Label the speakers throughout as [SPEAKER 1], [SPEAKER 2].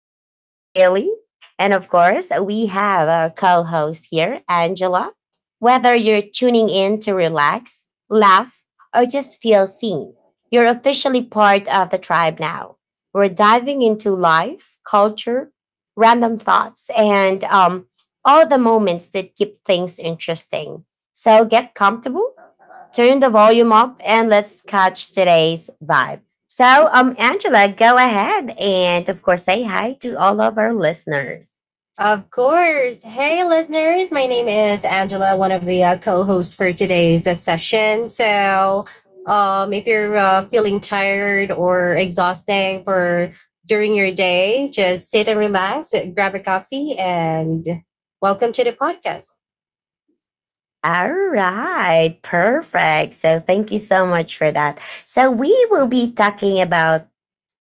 [SPEAKER 1] your host, Bailey. And of course, we have our co host here, Angela. Whether you're tuning in to relax, laugh, or just feel seen, you're officially part of the tribe now. We're diving into life, culture, random thoughts, and all the moments that keep things interesting. So get comfortable, turn the volume up, and let's catch today's vibe. So, Angela, go ahead and, of course, say hi to all of our listeners.
[SPEAKER 2] Of course. Hey, listeners. My name is Angela, one of the co hosts for today's session. So, if you're feeling tired or exhausting for during your day, just sit and relax, grab a coffee, and welcome to the podcast.
[SPEAKER 1] All right, perfect. So, thank you so much for that. So, we will be talking about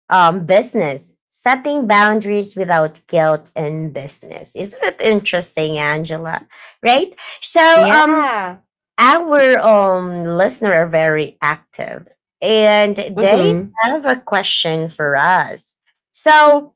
[SPEAKER 1] business, setting boundaries without guilt in business. Isn't it interesting, Angela? Right? So, um,
[SPEAKER 2] Yeah.
[SPEAKER 1] Our listener are very active and they
[SPEAKER 2] Mm-hmm.
[SPEAKER 1] have a question for us. So,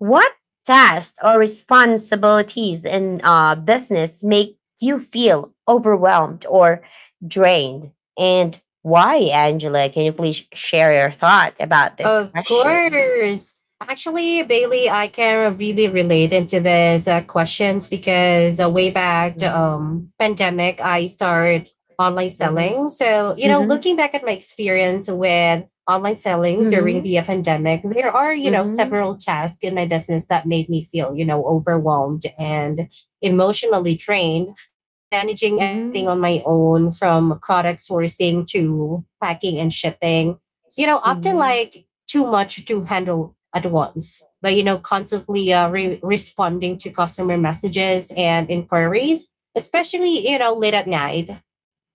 [SPEAKER 1] what tasks or responsibilities in business make you feel overwhelmed or drained? And why, Angela? Can you please share your thought about this
[SPEAKER 2] Of
[SPEAKER 1] question?
[SPEAKER 2] course. Actually, Bailey, I can really relate into these questions because way back the
[SPEAKER 1] Mhm.
[SPEAKER 2] pandemic, I started online
[SPEAKER 1] Mhm.
[SPEAKER 2] selling. So,
[SPEAKER 1] Mhm.
[SPEAKER 2] looking back at my experience with online selling during
[SPEAKER 1] Mhm.
[SPEAKER 2] the pandemic, there are,
[SPEAKER 1] Mhm.
[SPEAKER 2] several tasks in my business that made me feel, overwhelmed and emotionally drained. You know, managing everything
[SPEAKER 1] Mhm.
[SPEAKER 2] on my own from product sourcing to packing and shipping. So, often
[SPEAKER 1] Mhm.
[SPEAKER 2] like too much to handle
[SPEAKER 1] Mhm.
[SPEAKER 2] at once. But constantly responding to customer messages and inquiries, especially late at night,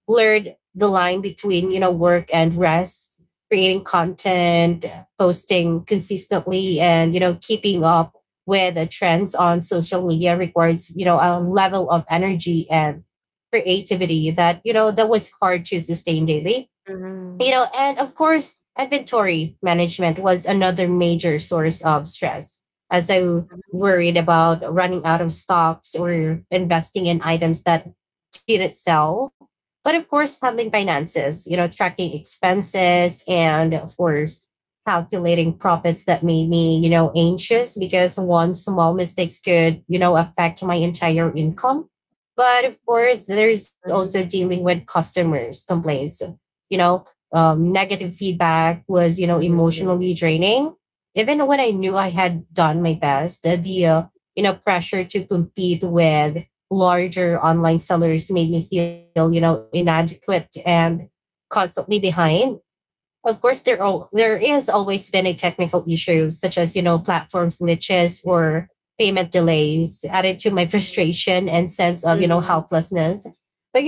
[SPEAKER 2] blurred the line between work and rest, creating content, posting consistently, and keeping up with the trends on social media requires a level of energy and creativity that that was hard to sustain daily
[SPEAKER 1] Mhm.
[SPEAKER 2] and of course, inventory management was another major source of stress as I
[SPEAKER 1] Mhm.
[SPEAKER 2] worried about running out of stocks or investing in items that didn't sell. But of course, handling finances, tracking expenses and of course, calculating profits that made me, anxious because one small mistakes could, affect my entire income. But of course, there's also
[SPEAKER 1] Mhm.
[SPEAKER 2] dealing with customers' complaints, you know, negative feedback was, emotionally draining. Even when I knew I had done my best, the pressure to compete with larger online sellers made me feel, inadequate and constantly behind. Of course, there is always been a technical issue, such as platforms glitches or payment delays added to my frustration and sense of
[SPEAKER 1] Mhm.
[SPEAKER 2] helplessness.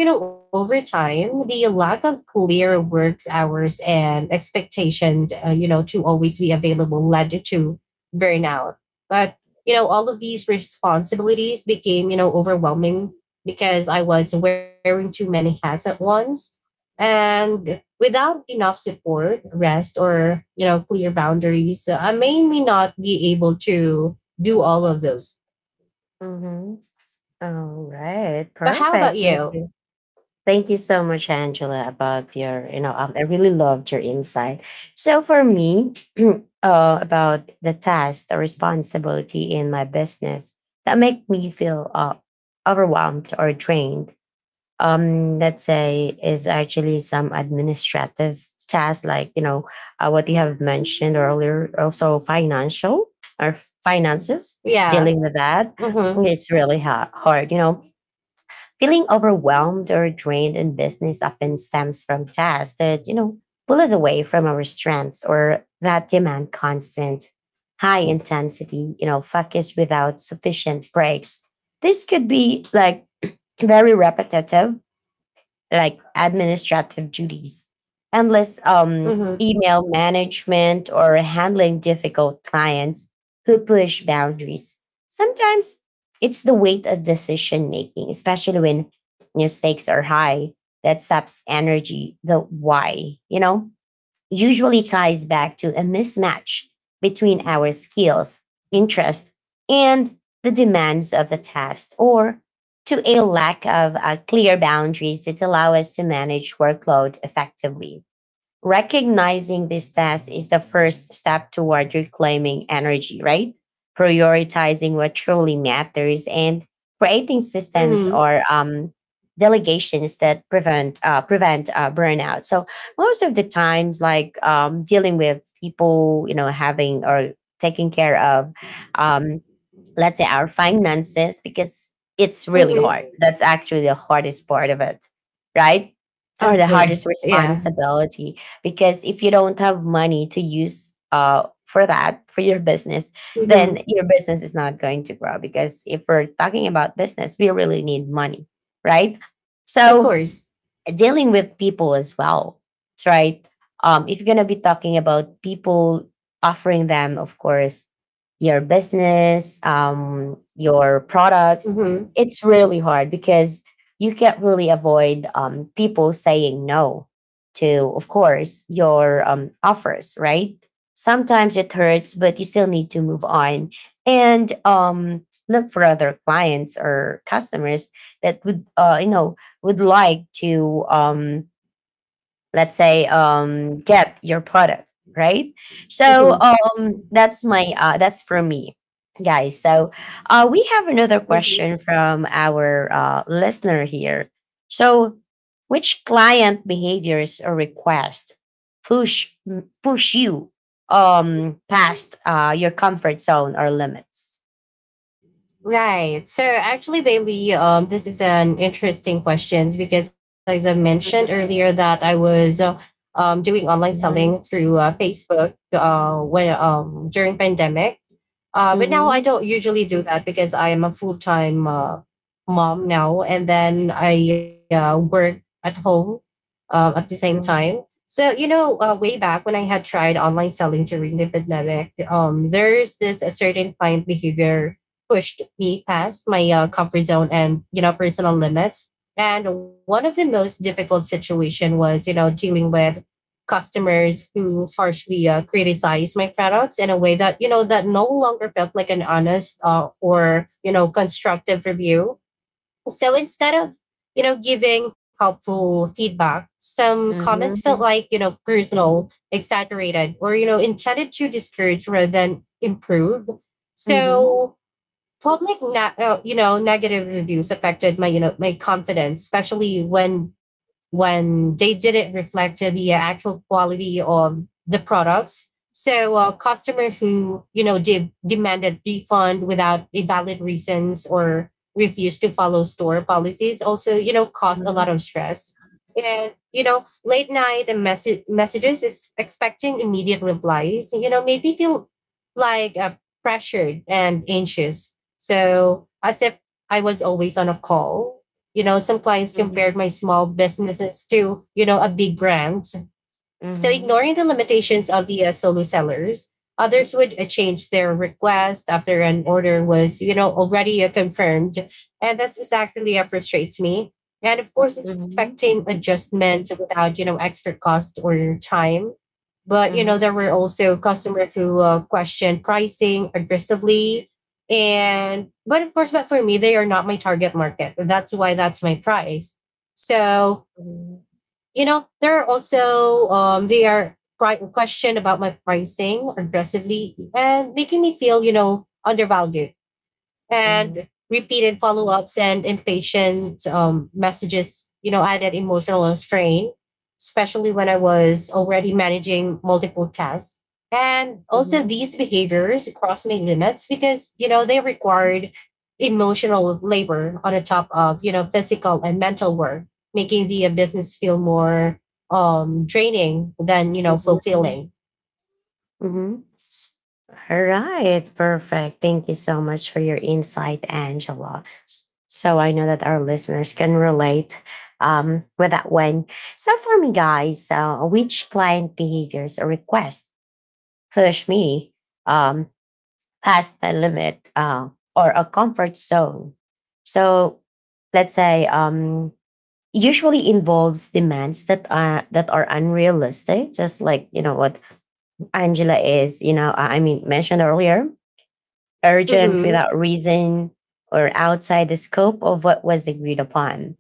[SPEAKER 2] But over time, the lack of clear work hours and expectation to always be available led to burnout. But all of these responsibilities became overwhelming because I was wearing too many hats at once, and without enough support, rest, or clear boundaries, I may not be able to do all of those.
[SPEAKER 1] Mhm. All right,
[SPEAKER 2] But how
[SPEAKER 1] perfect.
[SPEAKER 2] about
[SPEAKER 1] Thank you.
[SPEAKER 2] you?
[SPEAKER 1] Thank you so much, Angela, about your, I really loved your insight. So for me, about the task, the responsibility in my business that make me feel overwhelmed or drained let's say is actually some administrative tasks like what you have mentioned earlier also financial or finances
[SPEAKER 2] Yeah.
[SPEAKER 1] dealing with that.
[SPEAKER 2] Mm-hmm.
[SPEAKER 1] It's really hard, you know. Feeling overwhelmed or drained in business often stems from tasks that, you know, pull us away from our strengths or that demand constant high intensity, you know, focus without sufficient breaks. This could be like very repetitive, like administrative duties, endless
[SPEAKER 2] Mm-hmm.
[SPEAKER 1] email management, or handling difficult clients who push boundaries. Sometimes it's the weight of decision making, especially when your stakes are high, that saps energy. The why, you know, usually ties back to a mismatch between our skills, interests, and the demands of the task, or to a lack of clear boundaries that allow us to manage workload effectively. Recognizing these tasks is the first step toward reclaiming energy, right? Prioritizing what truly matters and creating systems or
[SPEAKER 2] Mm-hmm,
[SPEAKER 1] delegations that prevent burnout. So most of the times, like dealing with people, you know, having or taking care of um, let's say our finances, because it's really hard.
[SPEAKER 2] mm-hmm.
[SPEAKER 1] That's actually the hardest part of it, right?
[SPEAKER 2] Of
[SPEAKER 1] Or the
[SPEAKER 2] course.
[SPEAKER 1] hardest
[SPEAKER 2] Yeah.
[SPEAKER 1] responsibility, because if you don't have money to use for that, for your business, then
[SPEAKER 2] Mm-hmm.
[SPEAKER 1] your business is not going to grow, because if we're talking about business, we really need money, right?
[SPEAKER 2] Of
[SPEAKER 1] So
[SPEAKER 2] course.
[SPEAKER 1] dealing with people as well, right. If you're gonna be talking about people, offering them, of course, your business, your products,
[SPEAKER 2] Mm-hmm.
[SPEAKER 1] it's really hard, because you can't really avoid people saying no to, of course, your offers, right? Sometimes it hurts, but you still need to move on and look for other clients or customers that would, would like to let's say get your product, right?
[SPEAKER 2] Mm-hmm,
[SPEAKER 1] So that's for me, guys. So we have another
[SPEAKER 2] mm-hmm.
[SPEAKER 1] question from our listener here. So which client behaviors or requests push push you past your comfort zone or limits.
[SPEAKER 2] Right. So actually, Bailey, this is an interesting question because as I mentioned earlier that I was doing online
[SPEAKER 1] Mhm,
[SPEAKER 2] selling through Facebook when during pandemic. But
[SPEAKER 1] mhm,
[SPEAKER 2] now I don't usually do that because I am a full time mom now, and then I work at home at the same
[SPEAKER 1] mhm,
[SPEAKER 2] time. So way back when I had tried online selling during the pandemic, there's this a certain client behavior pushed me past my comfort zone and personal limits. And one of the most difficult situation was dealing with customers who harshly criticized my products in a way that that no longer felt like an honest or constructive review. So instead of giving helpful feedback, some comments felt
[SPEAKER 1] mhm,
[SPEAKER 2] like personal, exaggerated, or intended to discourage rather than improve.
[SPEAKER 1] mhm,
[SPEAKER 2] So public negative reviews affected my my confidence, especially when they didn't reflect the actual quality of the products. So a customer who demanded refund without a valid reasons or refused to follow store policies also caused a lot
[SPEAKER 1] mhm,
[SPEAKER 2] of stress. And late night and messages is expecting immediate replies, maybe feel like pressured and anxious, so as if I was always on a call. You know, some clients
[SPEAKER 1] mhm,
[SPEAKER 2] compared my small businesses to, a big brand. So
[SPEAKER 1] mhm.
[SPEAKER 2] ignoring the limitations of the solo sellers, others would change their request after an order was, already confirmed. And that's exactly what frustrates me. And of course,
[SPEAKER 1] Mhm.
[SPEAKER 2] expecting adjustments without, extra cost or time. But
[SPEAKER 1] Mhm.
[SPEAKER 2] there were also customers who questioned pricing aggressively, and but of course, but for me, they are not my target market. That's why that's my price. So
[SPEAKER 1] Mhm.
[SPEAKER 2] there are also they are questioned about my pricing aggressively and making me feel undervalued.
[SPEAKER 1] Mhm.
[SPEAKER 2] And repeated follow-ups and impatient messages added emotional strain, especially when I was already managing multiple tasks. And also
[SPEAKER 1] Mhm.
[SPEAKER 2] these behaviors crossed my limits because they required emotional labor on the top of physical and mental work, making the business feel more draining than
[SPEAKER 1] Mhm.
[SPEAKER 2] fulfilling.
[SPEAKER 1] Mhm. All right, perfect. Thank you so much for your insight, Angela. So I know that our listeners can relate with that one. So for me, guys, which client behaviors or requests push me um, past my limit or a comfort zone? So let's say usually involves demands that are unrealistic, just like, you know, what Angela is you know I mean mentioned earlier. Urgent
[SPEAKER 2] Mm-hmm.
[SPEAKER 1] without reason, or outside the scope of what was agreed upon.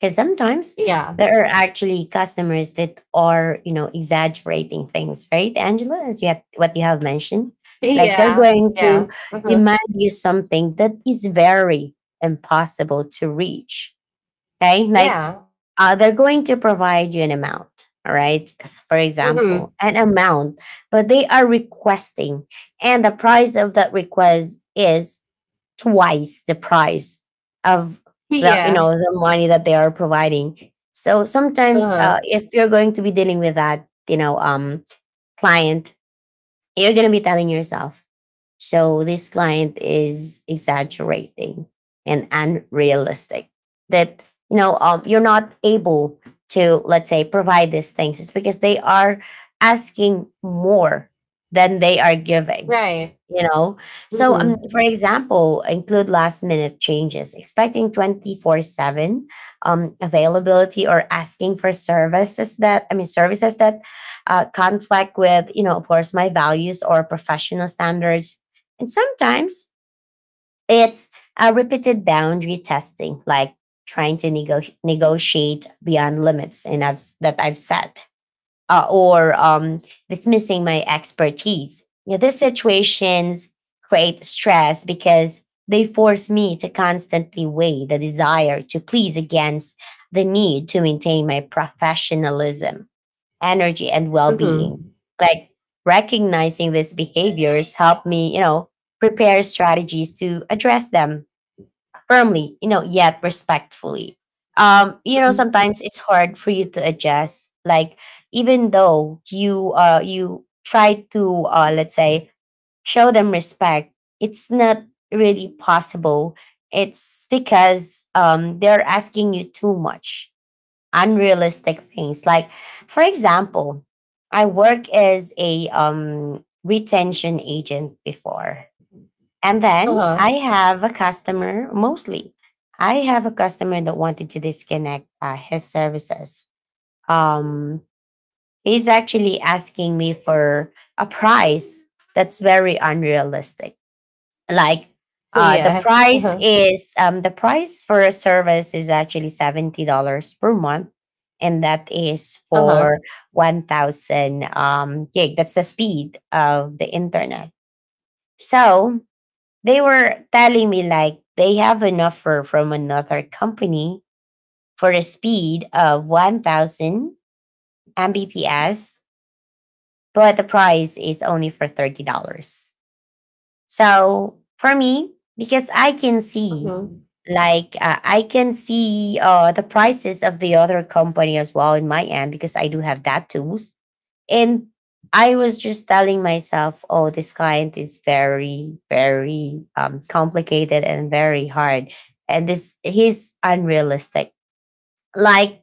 [SPEAKER 1] Because sometimes
[SPEAKER 2] Yeah.
[SPEAKER 1] there are actually customers that are, you know, exaggerating things, right, Angela? As you have what you have mentioned, like they're
[SPEAKER 2] Yeah.
[SPEAKER 1] going
[SPEAKER 2] Yeah.
[SPEAKER 1] to
[SPEAKER 2] Mm-hmm.
[SPEAKER 1] demand you something that is very impossible to reach. Okay, like
[SPEAKER 2] Yeah.
[SPEAKER 1] they're going to provide you an amount. All right, as for
[SPEAKER 2] Mm-hmm.
[SPEAKER 1] example an amount, but they are requesting, and the price of that request is twice the price of, the you
[SPEAKER 2] Yeah.
[SPEAKER 1] know, the money that they are providing. So
[SPEAKER 2] Uh-huh.
[SPEAKER 1] sometimes, if you're going to be dealing with that, client, you're going to be telling yourself, so this client is exaggerating and unrealistic. That, you know, you're not able to, let's say, provide these things. It's because they are asking more than they are giving,
[SPEAKER 2] Right.
[SPEAKER 1] you know? So,
[SPEAKER 2] Mm-hmm.
[SPEAKER 1] for example, include last minute changes, expecting 24/7 availability, or asking for services that, services that conflict with, you know, of course, my values or professional standards. And sometimes it's a repeated boundary testing, like trying to negotiate beyond limits that I've set, or dismissing my expertise. You know, these situations create stress because they force me to constantly weigh the desire to please against the need to maintain my professionalism, energy, and well
[SPEAKER 2] Mm-hmm.
[SPEAKER 1] being. Like recognizing these behaviors help me, you know, prepare strategies to address them firmly, you know, yet respectfully. You know, sometimes it's hard for you to adjust. Like, even though you try to let's say show them respect, it's not really possible, it's because they're asking you too much unrealistic things. Like, for example, I work as a retention agent before, and then
[SPEAKER 2] Uh-huh.
[SPEAKER 1] I have a customer. Mostly, I have a customer that wanted to disconnect his services. Um, he's actually asking me for a price that's very unrealistic. Like the
[SPEAKER 2] Yeah.
[SPEAKER 1] price
[SPEAKER 2] Uh-huh.
[SPEAKER 1] is the price for a service is actually $70 per month, and that is
[SPEAKER 2] Uh-huh.
[SPEAKER 1] for 1,000 gig. That's the speed of the internet. So they were telling me like they have an offer from another company for a speed of 1,000 Mbps, but the price is only for $30. So for me, because I can see,
[SPEAKER 2] Mm-hmm.
[SPEAKER 1] like I can see the prices of the other company as well in my end, because I do have that tools. And I was just telling myself, oh, this client is very, very complicated and very hard, and this he's unrealistic. Like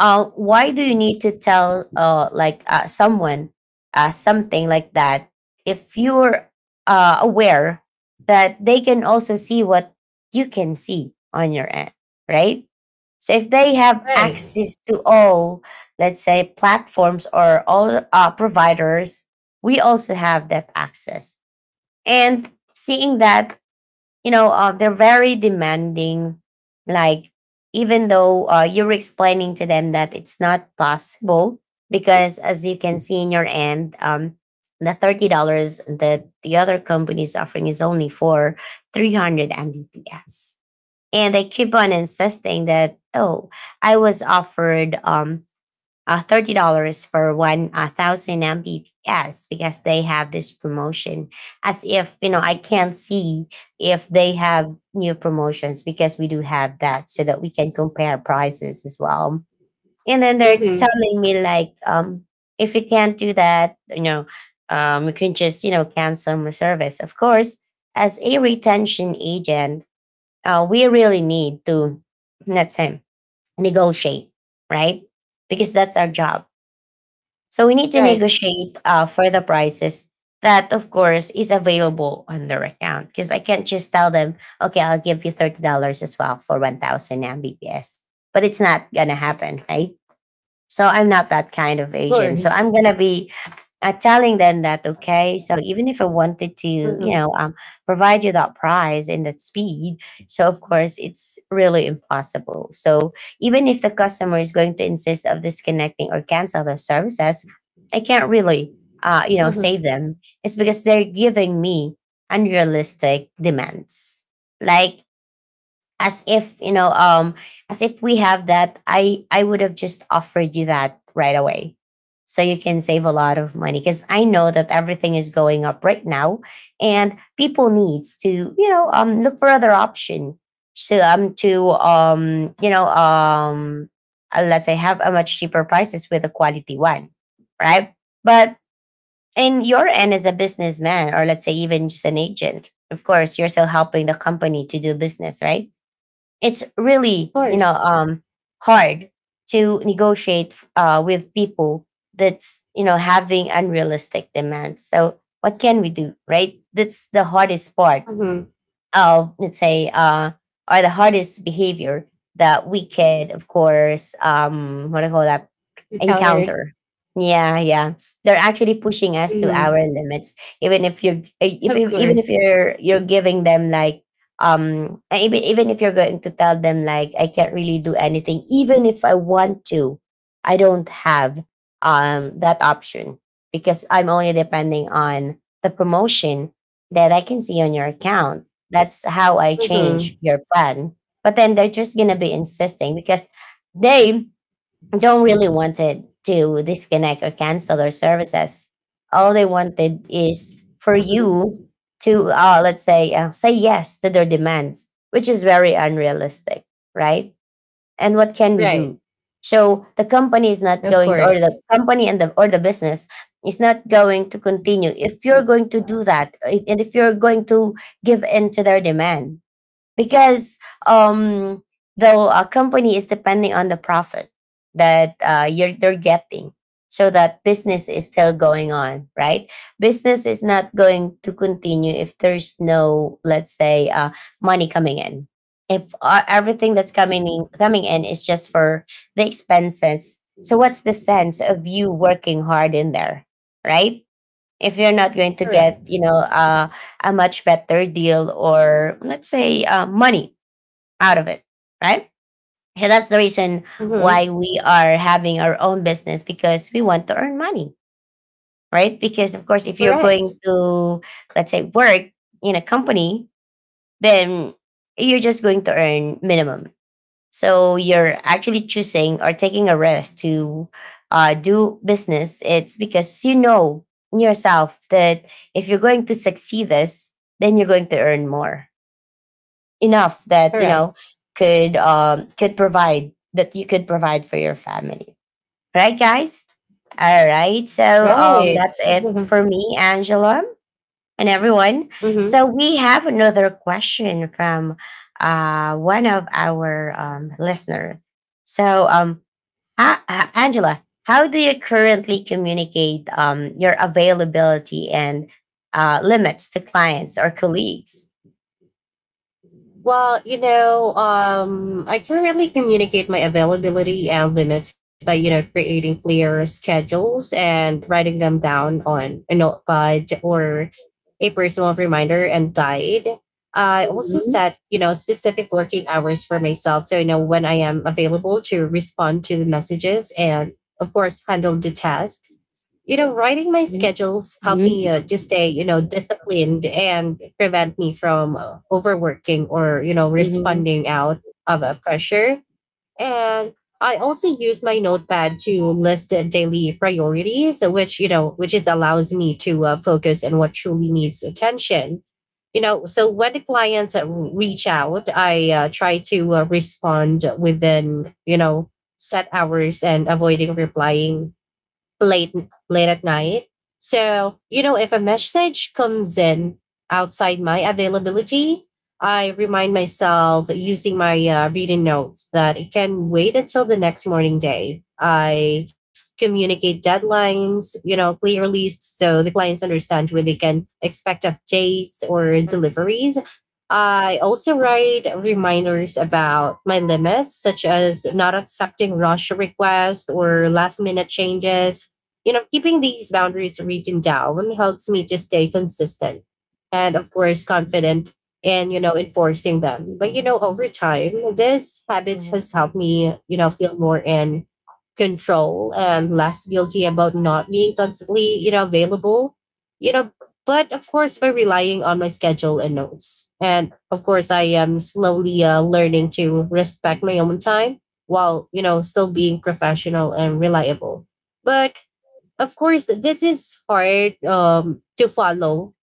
[SPEAKER 1] why do
[SPEAKER 2] Hmm.
[SPEAKER 1] you need to tell someone something like that, if you're aware that they can also see what you can see on your end, right? So if they have
[SPEAKER 2] Right.
[SPEAKER 1] access to all, let's say, platforms or all providers, we also have that access. And seeing that, you know, they're very demanding, like even though, you're explaining to them that it's not possible, because as you can see in your end, the $30 that the other company is offering is only for 300 mbps, and they keep on insisting that, oh, I was offered $30 for 1000 mbps, because they have this promotion, as if, you know, I can't see if they have new promotions, because we do have that, so that we can compare prices as well. And then they're
[SPEAKER 2] Mm-hmm.
[SPEAKER 1] telling me, like, if you can't do that, you know, um, you can just, you know, cancel my service. Of course, as a retention agent, we really need to, let's say, negotiate, right? Because that's our job. So we need to
[SPEAKER 2] Right.
[SPEAKER 1] negotiate for the prices that, of course, is available on their account. Because I can't just tell them, okay, I'll give you $30 as well for 1,000 Mbps, but it's not gonna happen, right? So I'm not that kind of
[SPEAKER 2] Of
[SPEAKER 1] agent. So
[SPEAKER 2] course.
[SPEAKER 1] I'm gonna be telling them that okay, so even if I wanted to,
[SPEAKER 2] Mm-hmm.
[SPEAKER 1] provide you that price and that speed. So of course it's really impossible, so even if the customer is going to insist of disconnecting or cancel their services, I can't really you know,
[SPEAKER 2] Mm-hmm.
[SPEAKER 1] save them. It's because they're giving me unrealistic demands, like as if as if we have that, I would have just offered you that right away so you can save a lot of money, because I know that everything is going up right now and people needs to, you know, look for other option. So to let's say have a much cheaper prices with a quality one, right? But in your end, as a businessman or let's say even just an agent, of course you're still helping the company to do business, right? It's
[SPEAKER 2] Of
[SPEAKER 1] really,
[SPEAKER 2] course.
[SPEAKER 1] hard to negotiate with people that's, you know, having unrealistic demands. So what can we do, right? That's the hardest part
[SPEAKER 2] Mm-hmm.
[SPEAKER 1] of, let's say, or the hardest behavior that we could, of course, um, what do you call that,
[SPEAKER 2] Encountered.
[SPEAKER 1] encounter. Yeah, yeah. They're actually pushing us to
[SPEAKER 2] Mm-hmm.
[SPEAKER 1] our limits, even if you, are if
[SPEAKER 2] Of
[SPEAKER 1] you- even if
[SPEAKER 2] course.
[SPEAKER 1] you're giving them like, even if you're going to tell them like I can't really do anything, even if I want to, I don't have um, that option, because I'm only depending on the promotion that I can see on your account. That's how I change
[SPEAKER 2] Mm-hmm.
[SPEAKER 1] your plan. But then they're just gonna be insisting because they don't really wanted to disconnect or cancel their services. All they wanted is for
[SPEAKER 2] Mm-hmm.
[SPEAKER 1] you to, let's say, say yes to their demands, which is very unrealistic, right? And what can we
[SPEAKER 2] Right.
[SPEAKER 1] do? So the company is
[SPEAKER 2] Of
[SPEAKER 1] not going to,
[SPEAKER 2] course.
[SPEAKER 1] or the company and the or the business is not going to continue if you're going to do that, and if you're going to give in to their demand, because um, though a company is depending on the profit that you're they're getting, so that business is still going on, right? Business is not going to continue if there's no, let's say, money coming in. If everything that's coming in, is just for the expenses, so what's the sense of you working hard in there, right? If you're not going to get,
[SPEAKER 2] Correct.
[SPEAKER 1] you know, a much better deal, or let's say money out of it, right? So that's the reason why
[SPEAKER 2] Mm-hmm.
[SPEAKER 1] we are having our own business, because we want to earn money, right? Because of course if you're
[SPEAKER 2] Correct.
[SPEAKER 1] going to, let's say, work in a company, then you're just going to earn minimum. So you're actually choosing or taking a risk to, do business. It's because you know in yourself that if you're going to succeed this, then you're going to earn more, enough that
[SPEAKER 2] Correct.
[SPEAKER 1] could provide that you could provide for your family. Right, guys. All right. So
[SPEAKER 2] Right.
[SPEAKER 1] that's it
[SPEAKER 2] Mm-hmm.
[SPEAKER 1] for me, Angela, and everyone.
[SPEAKER 2] Mm-hmm.
[SPEAKER 1] So we have another question from one of our listener. So, Angela, how do you currently communicate your availability and limits to clients or colleagues?
[SPEAKER 2] Well, I can really communicate my availability and limits by, creating clear schedules and writing them down on a notepad or a personal reminder and guide. I
[SPEAKER 1] Mhm.
[SPEAKER 2] also
[SPEAKER 1] Mhm. Mhm.
[SPEAKER 2] set, specific working hours for myself. So I know when I am available to respond to the messages and, of course, handle the task. You know, writing my schedules help me to stay, disciplined and prevent me from overworking or,
[SPEAKER 1] Mhm.
[SPEAKER 2] responding out of a pressure. And I also use my notepad to list the daily priorities, which is allows me to focus on what truly needs attention. You know, so when the clients reach out, I try to respond within, set hours and avoiding replying late late at night. So, if a message comes in outside my availability, I remind myself using my reading notes that it can wait until the next morning day. I communicate deadlines, clearly so the clients understand when they can expect updates or deliveries. I also write reminders about my limits, such as not accepting rush requests or last minute changes. You know, keeping these boundaries written down helps me to stay consistent and, of course, confident in, enforcing them. But, over time, this habit has
[SPEAKER 1] Mhm.
[SPEAKER 2] helped me, feel more in control and less guilty about not being constantly, available. You know, but of course, by relying on my schedule and notes. And of course, I am slowly learning to respect my own time while, still being professional and reliable. But of course this is hard to follow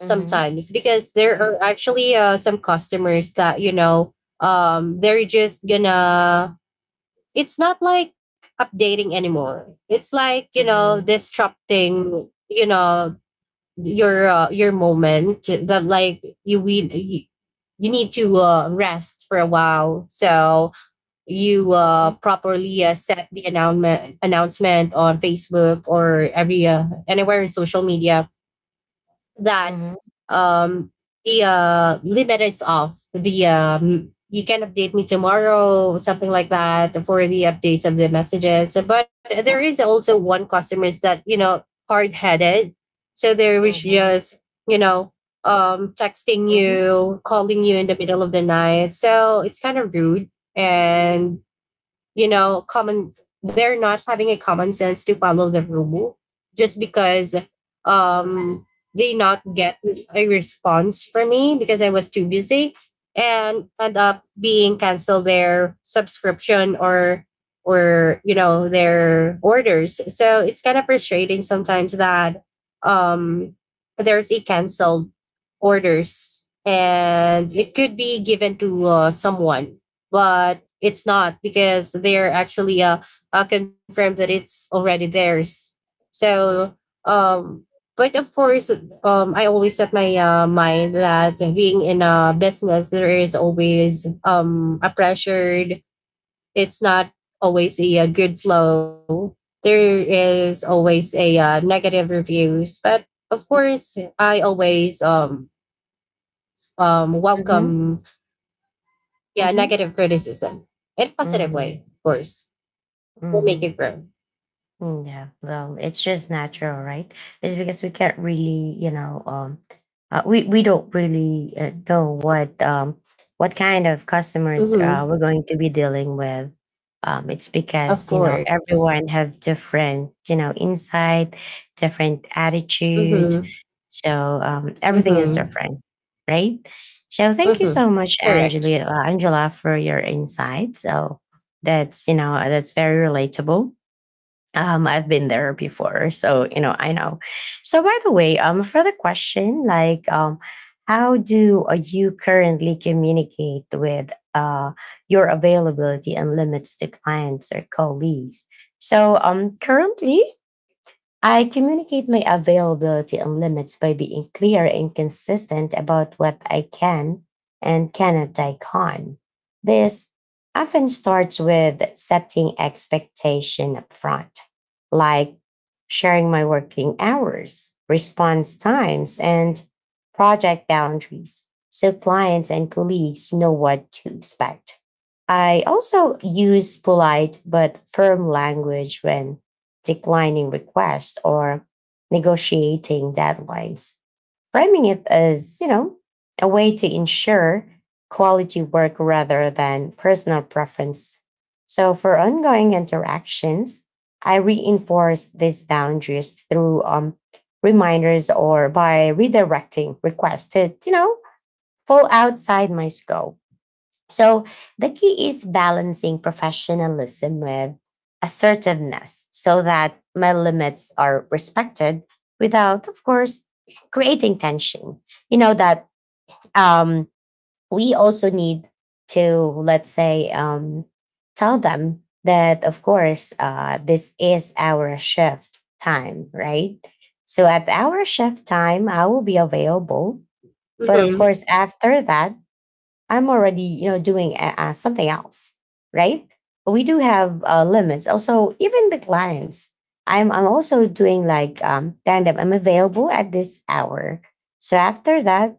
[SPEAKER 1] Mhm.
[SPEAKER 2] because there are actually some customers that they're just gonna it's not like updating anymore. It's like
[SPEAKER 1] Mhm. Mhm.
[SPEAKER 2] disrupting your moment, that like you we you you need to rest for a while. So you
[SPEAKER 1] Mhm.
[SPEAKER 2] properly set the announcement on Facebook or every anywhere in social media that um, the limit is off. The you can update me tomorrow, something like that, for the updates of the messages. But there is also one customers that hard headed, so they was just you know texting
[SPEAKER 1] Mhm. Mhm.
[SPEAKER 2] you, calling you in the middle of the night. So it's kind of rude. And common, they're not having a common sense to follow the rule just because um they not get a response from me because I was too busy and end up being cancel their subscription or their orders. So it's kind of frustrating sometimes that um there's a canceled orders and it could be given to someone, but it's not because they're actually confirmed that it's already theirs. So um but of course I always set my mind that being in a business there is always a pressured. It's not always a, good flow. There is always a negative reviews, but of course I always
[SPEAKER 1] Mhm.
[SPEAKER 2] welcome
[SPEAKER 1] Mhm.
[SPEAKER 2] yeah
[SPEAKER 1] Mhm. Mhm.
[SPEAKER 2] negative criticism in positive
[SPEAKER 1] Mhm.
[SPEAKER 2] way. Of course we'll make it
[SPEAKER 1] Mhm.
[SPEAKER 2] grow.
[SPEAKER 1] Mm, yeah, well, it's just natural, right? It's because we can't really, you know, we don't really know what kind of customers
[SPEAKER 2] Mm-hmm.
[SPEAKER 1] we're going to be dealing with. It's
[SPEAKER 2] Of
[SPEAKER 1] because you know
[SPEAKER 2] course.
[SPEAKER 1] everyone have different, you know, insight, different attitude.
[SPEAKER 2] Mm-hmm.
[SPEAKER 1] So everything is
[SPEAKER 2] Mm-hmm.
[SPEAKER 1] different, right? So thank you
[SPEAKER 2] Mm-hmm.
[SPEAKER 1] so much, Angela,
[SPEAKER 2] Correct.
[SPEAKER 1] for your insight. So that's, you know, that's very relatable. Um, I've been there before, so you know I know. So by the way, for the question, like, how do you currently communicate with your availability and limits to clients or colleagues? So currently, I communicate my availability and limits by being clear and consistent about what I can and cannot take on. This often starts with setting expectation upfront, like sharing my working hours, response times, and project boundaries, so clients and colleagues know what to expect. I also use polite but firm language when declining requests or negotiating deadlines, framing it as, you know, a way to ensure quality work rather than personal preference. So for ongoing interactions, I reinforce these boundaries through reminders or by redirecting requests to, you know, fall outside my scope. So the key is balancing professionalism with assertiveness, so that my limits are respected without, of course, creating tension. You know, that um, we also need to, let's say, tell them that, of course, this is our shift time, right? So at our shift time, I will be available. But of
[SPEAKER 2] Mm-hmm.
[SPEAKER 1] course, after that, I'm already, you know, doing something else, right? But we do have limits. Also, even the clients, I'm also doing like telling them I'm available at this hour. So after that,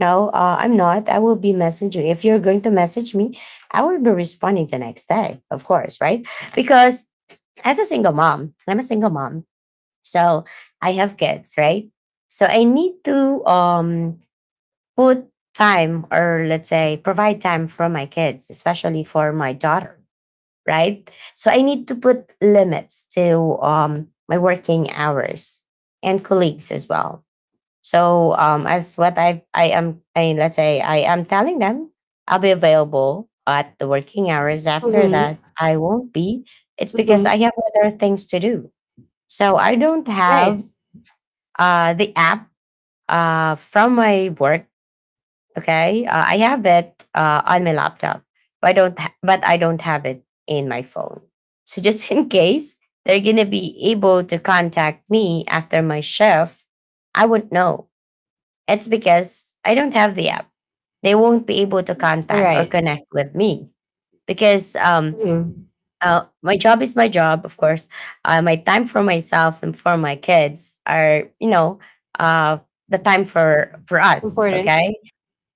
[SPEAKER 1] no, I'm not. I will be messaging. If you're going to message me, I will be responding the next day, of course, right? Because as a single mom, I'm a single mom, so I have kids, right? So I need to um, put time, or let's say provide time for my kids, especially for my daughter, right? So I need to put limits to my working hours and colleagues as well. So as what I am I let's say I am telling them, I'll be available at the working hours. After
[SPEAKER 2] Mm-hmm.
[SPEAKER 1] that I won't be. It's because I
[SPEAKER 2] Mm-hmm.
[SPEAKER 1] have other things to do. So I don't have
[SPEAKER 2] Right.
[SPEAKER 1] the app from my work. Okay, I have it on my laptop, but I don't have it in my phone. So just in case they're gonna be able to contact me after my shift, I won't know. It's because I don't have the app. They won't be able to
[SPEAKER 2] All
[SPEAKER 1] contact or
[SPEAKER 2] right.
[SPEAKER 1] connect with me because
[SPEAKER 2] Mm-hmm.
[SPEAKER 1] my job is my job, of course. My time for myself and for my kids are, you know, uh, the time for us.
[SPEAKER 2] Important.
[SPEAKER 1] Okay.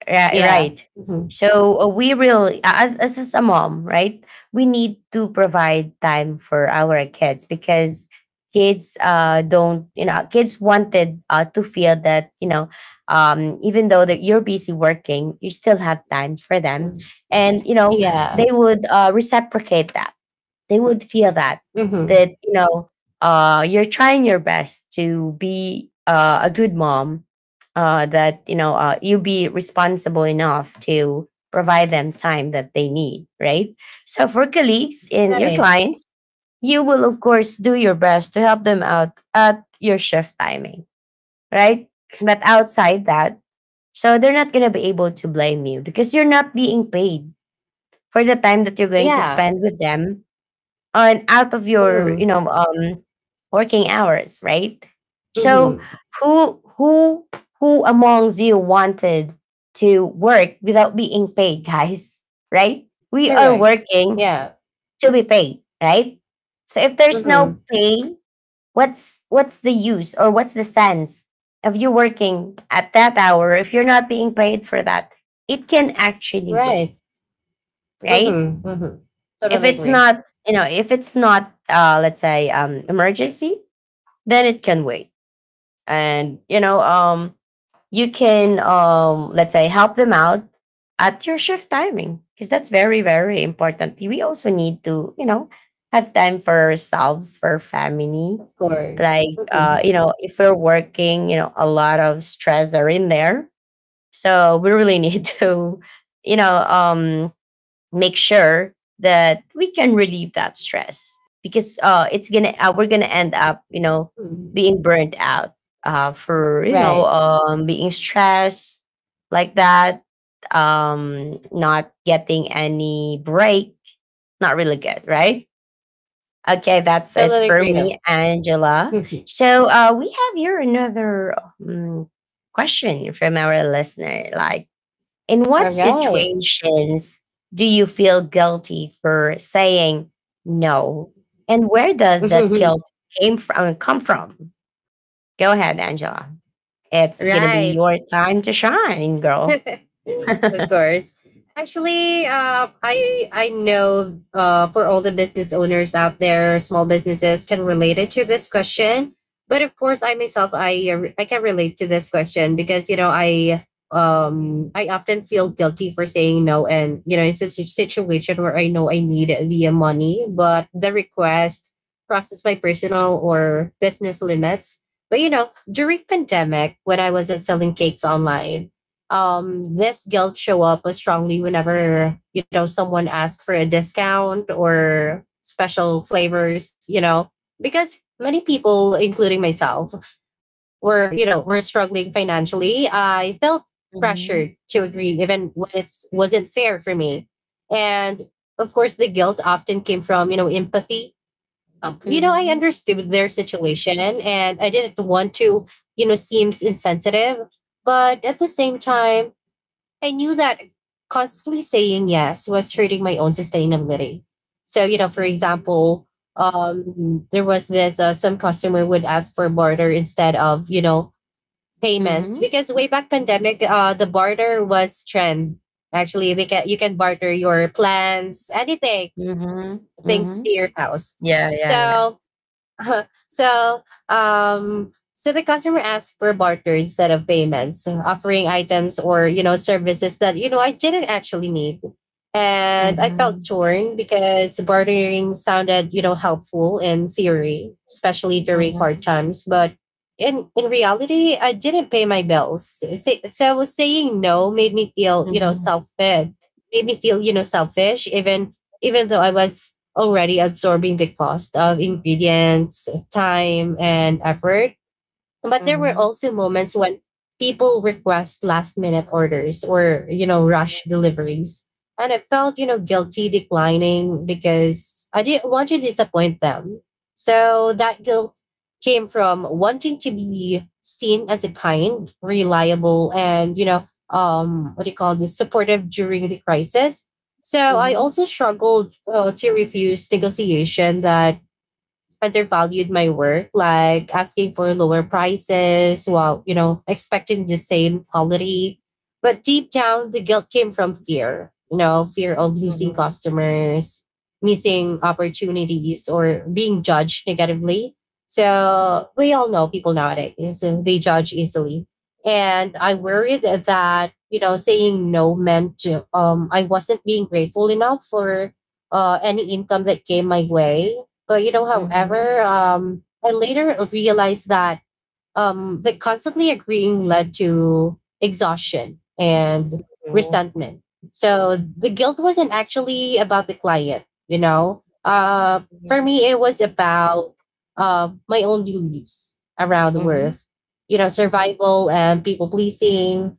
[SPEAKER 2] Yeah.
[SPEAKER 1] Right.
[SPEAKER 2] Mm-hmm.
[SPEAKER 1] So we really, as a mom, right? We need to provide time for our kids, because kids uh, don't, you know, kids wanted to feel that, you know, even though that you're busy working, you still have time for them, and you know they
[SPEAKER 2] Yeah.
[SPEAKER 1] would reciprocate that. They would feel that,
[SPEAKER 2] Mm-hmm.
[SPEAKER 1] that you know you're trying your best to be a good mom, that you know, you be responsible enough to provide them time that they need, right? So for colleagues and your
[SPEAKER 2] Right.
[SPEAKER 1] clients, you will of course do your best to help them out at your shift timing, right? But outside that, so they're not going to be able to blame you, because you're not being paid for the time that you're
[SPEAKER 2] Yeah.
[SPEAKER 1] going to spend with them on out of
[SPEAKER 2] Mm-hmm.
[SPEAKER 1] your, working hours, right? So
[SPEAKER 2] Mm-hmm.
[SPEAKER 1] who who who amongst you wanted to work without being paid, guys, right? We are
[SPEAKER 2] Correct.
[SPEAKER 1] working
[SPEAKER 2] Yeah.
[SPEAKER 1] to be paid, right? So if there's no
[SPEAKER 2] Mm-hmm.
[SPEAKER 1] pay, what's the use, or what's the sense of you working at that hour if you're not being paid for that? It can actually wait,
[SPEAKER 2] Right.
[SPEAKER 1] right?
[SPEAKER 2] Mm-hmm. Mm-hmm.
[SPEAKER 1] If
[SPEAKER 2] Totally
[SPEAKER 1] it's
[SPEAKER 2] agree.
[SPEAKER 1] not, you know, if it's not let's say um, emergency, then it can wait. And you know, um, you can um, let's say help them out at your shift timing, because that's very, very important. We also need to, you know, have time for ourselves, for family.
[SPEAKER 2] Of course.
[SPEAKER 1] Like you
[SPEAKER 2] Mm-hmm.
[SPEAKER 1] know, if we're working, you know, a lot of stress are in there, so we really need to, you know, um, make sure that we can relieve that stress, because it's gonna we're gonna end up, you know,
[SPEAKER 2] Mm-hmm.
[SPEAKER 1] being burnt out for, you know,
[SPEAKER 2] Right.
[SPEAKER 1] being stressed like that, um, not getting any break. Not really good, right? Okay, that's it
[SPEAKER 2] Totally
[SPEAKER 1] for
[SPEAKER 2] agree.
[SPEAKER 1] me, Angela. So we have here another um, question from our listener, like, in what
[SPEAKER 2] All right.
[SPEAKER 1] situations do you feel guilty for saying no? And where does that guilt came from come from? Go ahead, Angela. It's gonna be
[SPEAKER 2] Right.
[SPEAKER 1] your time to shine, girl.
[SPEAKER 2] Of course. Actually, I know for all the business owners out there, small businesses can relate it to this question. But of course, I myself, I can relate to this question because I I often feel guilty for saying no, and you know it's a situation where I know I need the money, but the request crosses my personal or business limits. But you know, during pandemic, when I was selling cakes online, this guilt show up was strongly whenever you know someone asks for a discount or special flavors you know because many people including myself were were struggling financially. I felt pressured to
[SPEAKER 1] Mhm,
[SPEAKER 2] agree even when it wasn't fair for me, and of course the guilt often came from you know empathy. You know, I
[SPEAKER 1] mhm,
[SPEAKER 2] understood their situation and I didn't want to you know seems insensitive, but at the same time I knew that constantly saying yes was hurting my own sustainability. So, you know, for
[SPEAKER 1] mhm,
[SPEAKER 2] example, there was this some customer would ask for barter instead of you know payments
[SPEAKER 1] mhm,
[SPEAKER 2] because way back pandemic, the barter was trend. Actually, they can you can barter your plans, anything,
[SPEAKER 1] mhm,
[SPEAKER 2] things to
[SPEAKER 1] mhm.
[SPEAKER 2] your house.
[SPEAKER 1] Yeah, yeah, yeah.
[SPEAKER 2] So so so the customer asked for barter instead of payments, offering items or you know services that you know I didn't actually need. And I felt
[SPEAKER 1] Mhm,
[SPEAKER 2] torn because bartering sounded, you know, helpful in theory, especially during hard
[SPEAKER 1] mhm,
[SPEAKER 2] times. But in reality, I didn't pay my bills. So I was saying no made me feel, you know,
[SPEAKER 1] mhm,
[SPEAKER 2] self made me feel, you know, selfish, even though I was already absorbing the cost of ingredients, time, and effort. But
[SPEAKER 1] mhm,
[SPEAKER 2] there were
[SPEAKER 1] mhm,
[SPEAKER 2] also moments when people request last minute orders or, you know, rush deliveries. And I felt, you know, guilty declining because I didn't want to disappoint them. So that guilt came from wanting to be seen as a kind, reliable, and, you know, what do you call this, supportive during the crisis. So I
[SPEAKER 1] mhm,
[SPEAKER 2] also struggled to refuse negotiation that undervalued my work, like asking for lower prices while, you know, expecting the same quality. But deep down, the guilt came from fear, you know, fear of losing
[SPEAKER 1] mhm,
[SPEAKER 2] customers, missing opportunities, or being judged negatively. So we all know people nowadays, they judge easily. And I worried that, you know, saying no meant I wasn't being grateful enough for any income that came my way. But you know,
[SPEAKER 1] mhm,
[SPEAKER 2] however, I later realized that the constantly agreeing led to exhaustion and
[SPEAKER 1] mhm, mhm,
[SPEAKER 2] resentment. So the guilt wasn't actually about the client, you know. For me, it was about my own beliefs around
[SPEAKER 1] mhm,
[SPEAKER 2] worth, you know, survival and people pleasing.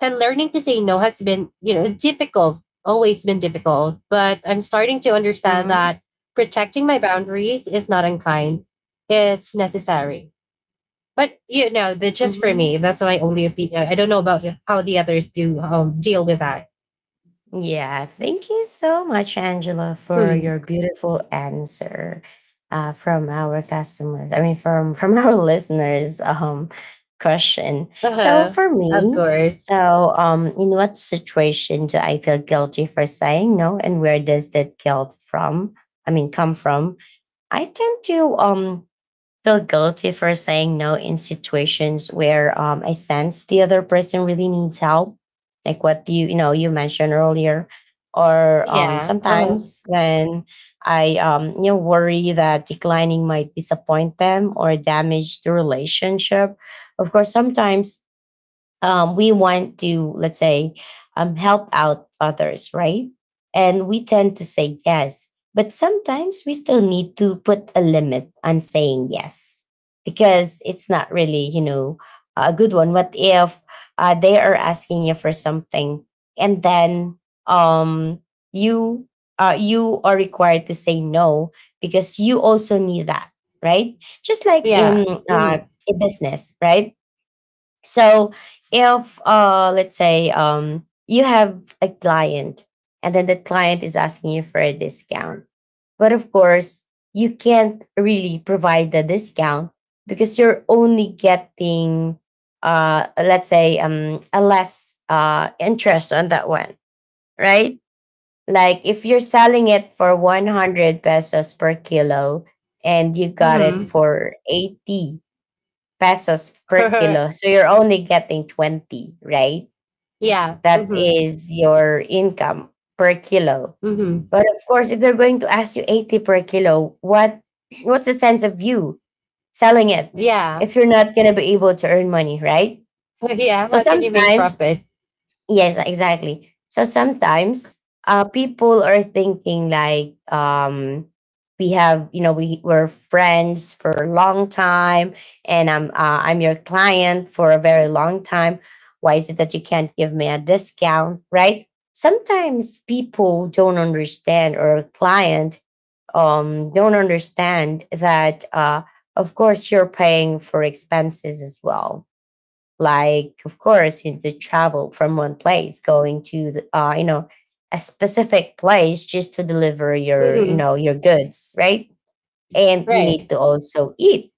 [SPEAKER 2] And learning to say no has been, you know, difficult, always been difficult. But I'm starting to understand
[SPEAKER 1] mhm,
[SPEAKER 2] that protecting my boundaries is not unkind, it's necessary. But you know, that's just for me.
[SPEAKER 1] mhm.
[SPEAKER 2] That's my only opinion. I don't know about how the others do deal with that.
[SPEAKER 1] Yeah, thank you so much, Angela, for
[SPEAKER 2] Hmm.
[SPEAKER 1] your beautiful answer from our customers. I mean, from our listeners' question.
[SPEAKER 2] Uh
[SPEAKER 1] So
[SPEAKER 2] huh.
[SPEAKER 1] for
[SPEAKER 2] Of
[SPEAKER 1] me,
[SPEAKER 2] course.
[SPEAKER 1] so in what situation do I feel guilty for saying no, and where does that guilt from? I mean, come from? I tend to um, feel guilty for saying no in situations where I sense the other person really needs help, like what you know you mentioned earlier, or
[SPEAKER 2] Yeah. Uh huh.
[SPEAKER 1] sometimes when I you know, worry that declining might disappoint them or damage the relationship. Of course, sometimes we want to, let's say, help out others, right? And we tend to say yes, but sometimes we still need to put a limit on saying yes, because it's not really, you know, a good one. What if they are asking you for something, and then um, you you are required to say no, because you also need that, right? Just like
[SPEAKER 2] Yeah.
[SPEAKER 1] in, uh,
[SPEAKER 2] Mhm.
[SPEAKER 1] a business, right? So if let's say um, you have a client, and then the client is asking you for a discount. But of course, you can't really provide the discount because you're only getting let's say a less interest on that one, right? Like if you're selling it for 100 pesos per kilo and you got it
[SPEAKER 2] Mhm.
[SPEAKER 1] for 80 pesos per kilo. So you're only getting 20, right?
[SPEAKER 2] Yeah.
[SPEAKER 1] That
[SPEAKER 2] Mhm.
[SPEAKER 1] is your income per kilo.
[SPEAKER 2] Mhm.
[SPEAKER 1] But of course, if they're going to ask you 80 per kilo, what's the sense of you selling it
[SPEAKER 2] Yeah.
[SPEAKER 1] if you're not going to be able to earn money, right?
[SPEAKER 2] Yeah.
[SPEAKER 1] So
[SPEAKER 2] How can you make
[SPEAKER 1] sometimes
[SPEAKER 2] profit?
[SPEAKER 1] Yes, exactly. So sometimes people are thinking like we have, you know, we were friends for a long time, and I'm your client for a very long time. Why is it that you can't give me a discount, right? Sometimes people don't understand, or client don't understand that. Of course, you're paying for expenses as well like of course you the travel from one place going to the, you know a specific place just to deliver your you
[SPEAKER 2] Mhm.
[SPEAKER 1] know your goods, right? And you need
[SPEAKER 2] Right.
[SPEAKER 1] to also eat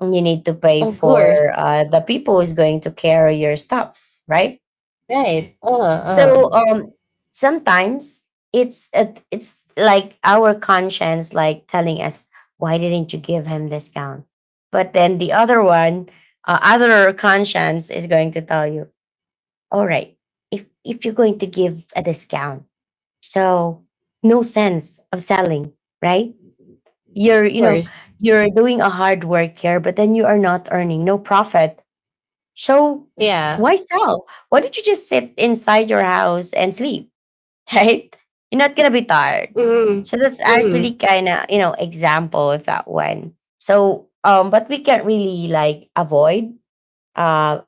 [SPEAKER 1] and you need to pay
[SPEAKER 2] Of
[SPEAKER 1] for
[SPEAKER 2] course.
[SPEAKER 1] the people who's going to carry your stuffs, right?
[SPEAKER 2] Right.
[SPEAKER 1] So sometimes it's like our conscience like telling us why didn't you give him discount, but then the other one, other conscience is going to tell you, all right. If you're going to give a discount, so no sense of selling, right? You're
[SPEAKER 2] Of
[SPEAKER 1] you know
[SPEAKER 2] course.
[SPEAKER 1] you're doing a hard work here, but then you are not earning no profit. So
[SPEAKER 2] Yeah.
[SPEAKER 1] why sell? Why don't you just sit inside your house and sleep, right? You're not gonna be tired.
[SPEAKER 2] Mm-hmm.
[SPEAKER 1] So that's
[SPEAKER 2] Mm-hmm.
[SPEAKER 1] actually kind of example of that one. So but we can't really like avoid uh,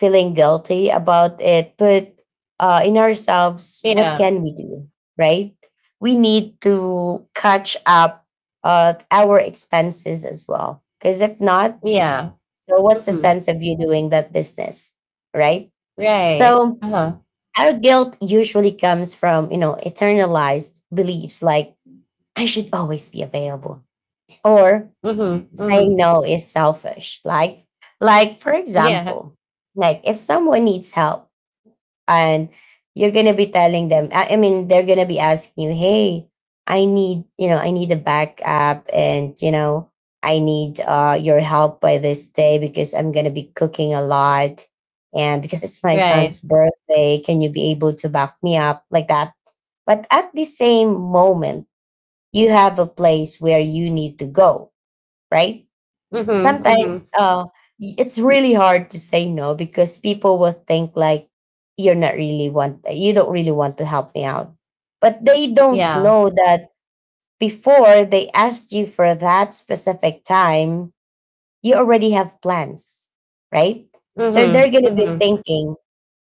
[SPEAKER 1] feeling guilty about it. But in ourselves, what
[SPEAKER 2] Yeah.
[SPEAKER 1] can we do, right? We need to catch up our expenses as well. Because if not,
[SPEAKER 2] Yeah.
[SPEAKER 1] so what's the
[SPEAKER 2] Mm-hmm.
[SPEAKER 1] sense of you doing that business, right?
[SPEAKER 2] Right.
[SPEAKER 1] So
[SPEAKER 2] Uh-huh.
[SPEAKER 1] our guilt usually comes from, you know, eternalized beliefs like I should always be available, or
[SPEAKER 2] Mm-hmm. Mm-hmm.
[SPEAKER 1] saying no is selfish. Like for
[SPEAKER 2] Yeah.
[SPEAKER 1] example, like if someone needs help and you're gonna be telling them, I mean, they're gonna be asking you, "Hey, I need, you know, I need a backup, and you know, I need your help by this day because I'm gonna be cooking a lot, and because it's my son's
[SPEAKER 2] Right.
[SPEAKER 1] birthday, can you be able to back me up like that?" But at the same moment, you have a place where you need to go, right?
[SPEAKER 2] Mm-hmm.
[SPEAKER 1] Sometimes
[SPEAKER 2] Mm-hmm.
[SPEAKER 1] it's really hard to say no because people will think like you don't really want to help me out, but they don't
[SPEAKER 2] Yeah.
[SPEAKER 1] know that before they asked you for that specific time you already have plans, right? So they're
[SPEAKER 2] Mm-hmm.
[SPEAKER 1] going to be
[SPEAKER 2] Mm-hmm.
[SPEAKER 1] thinking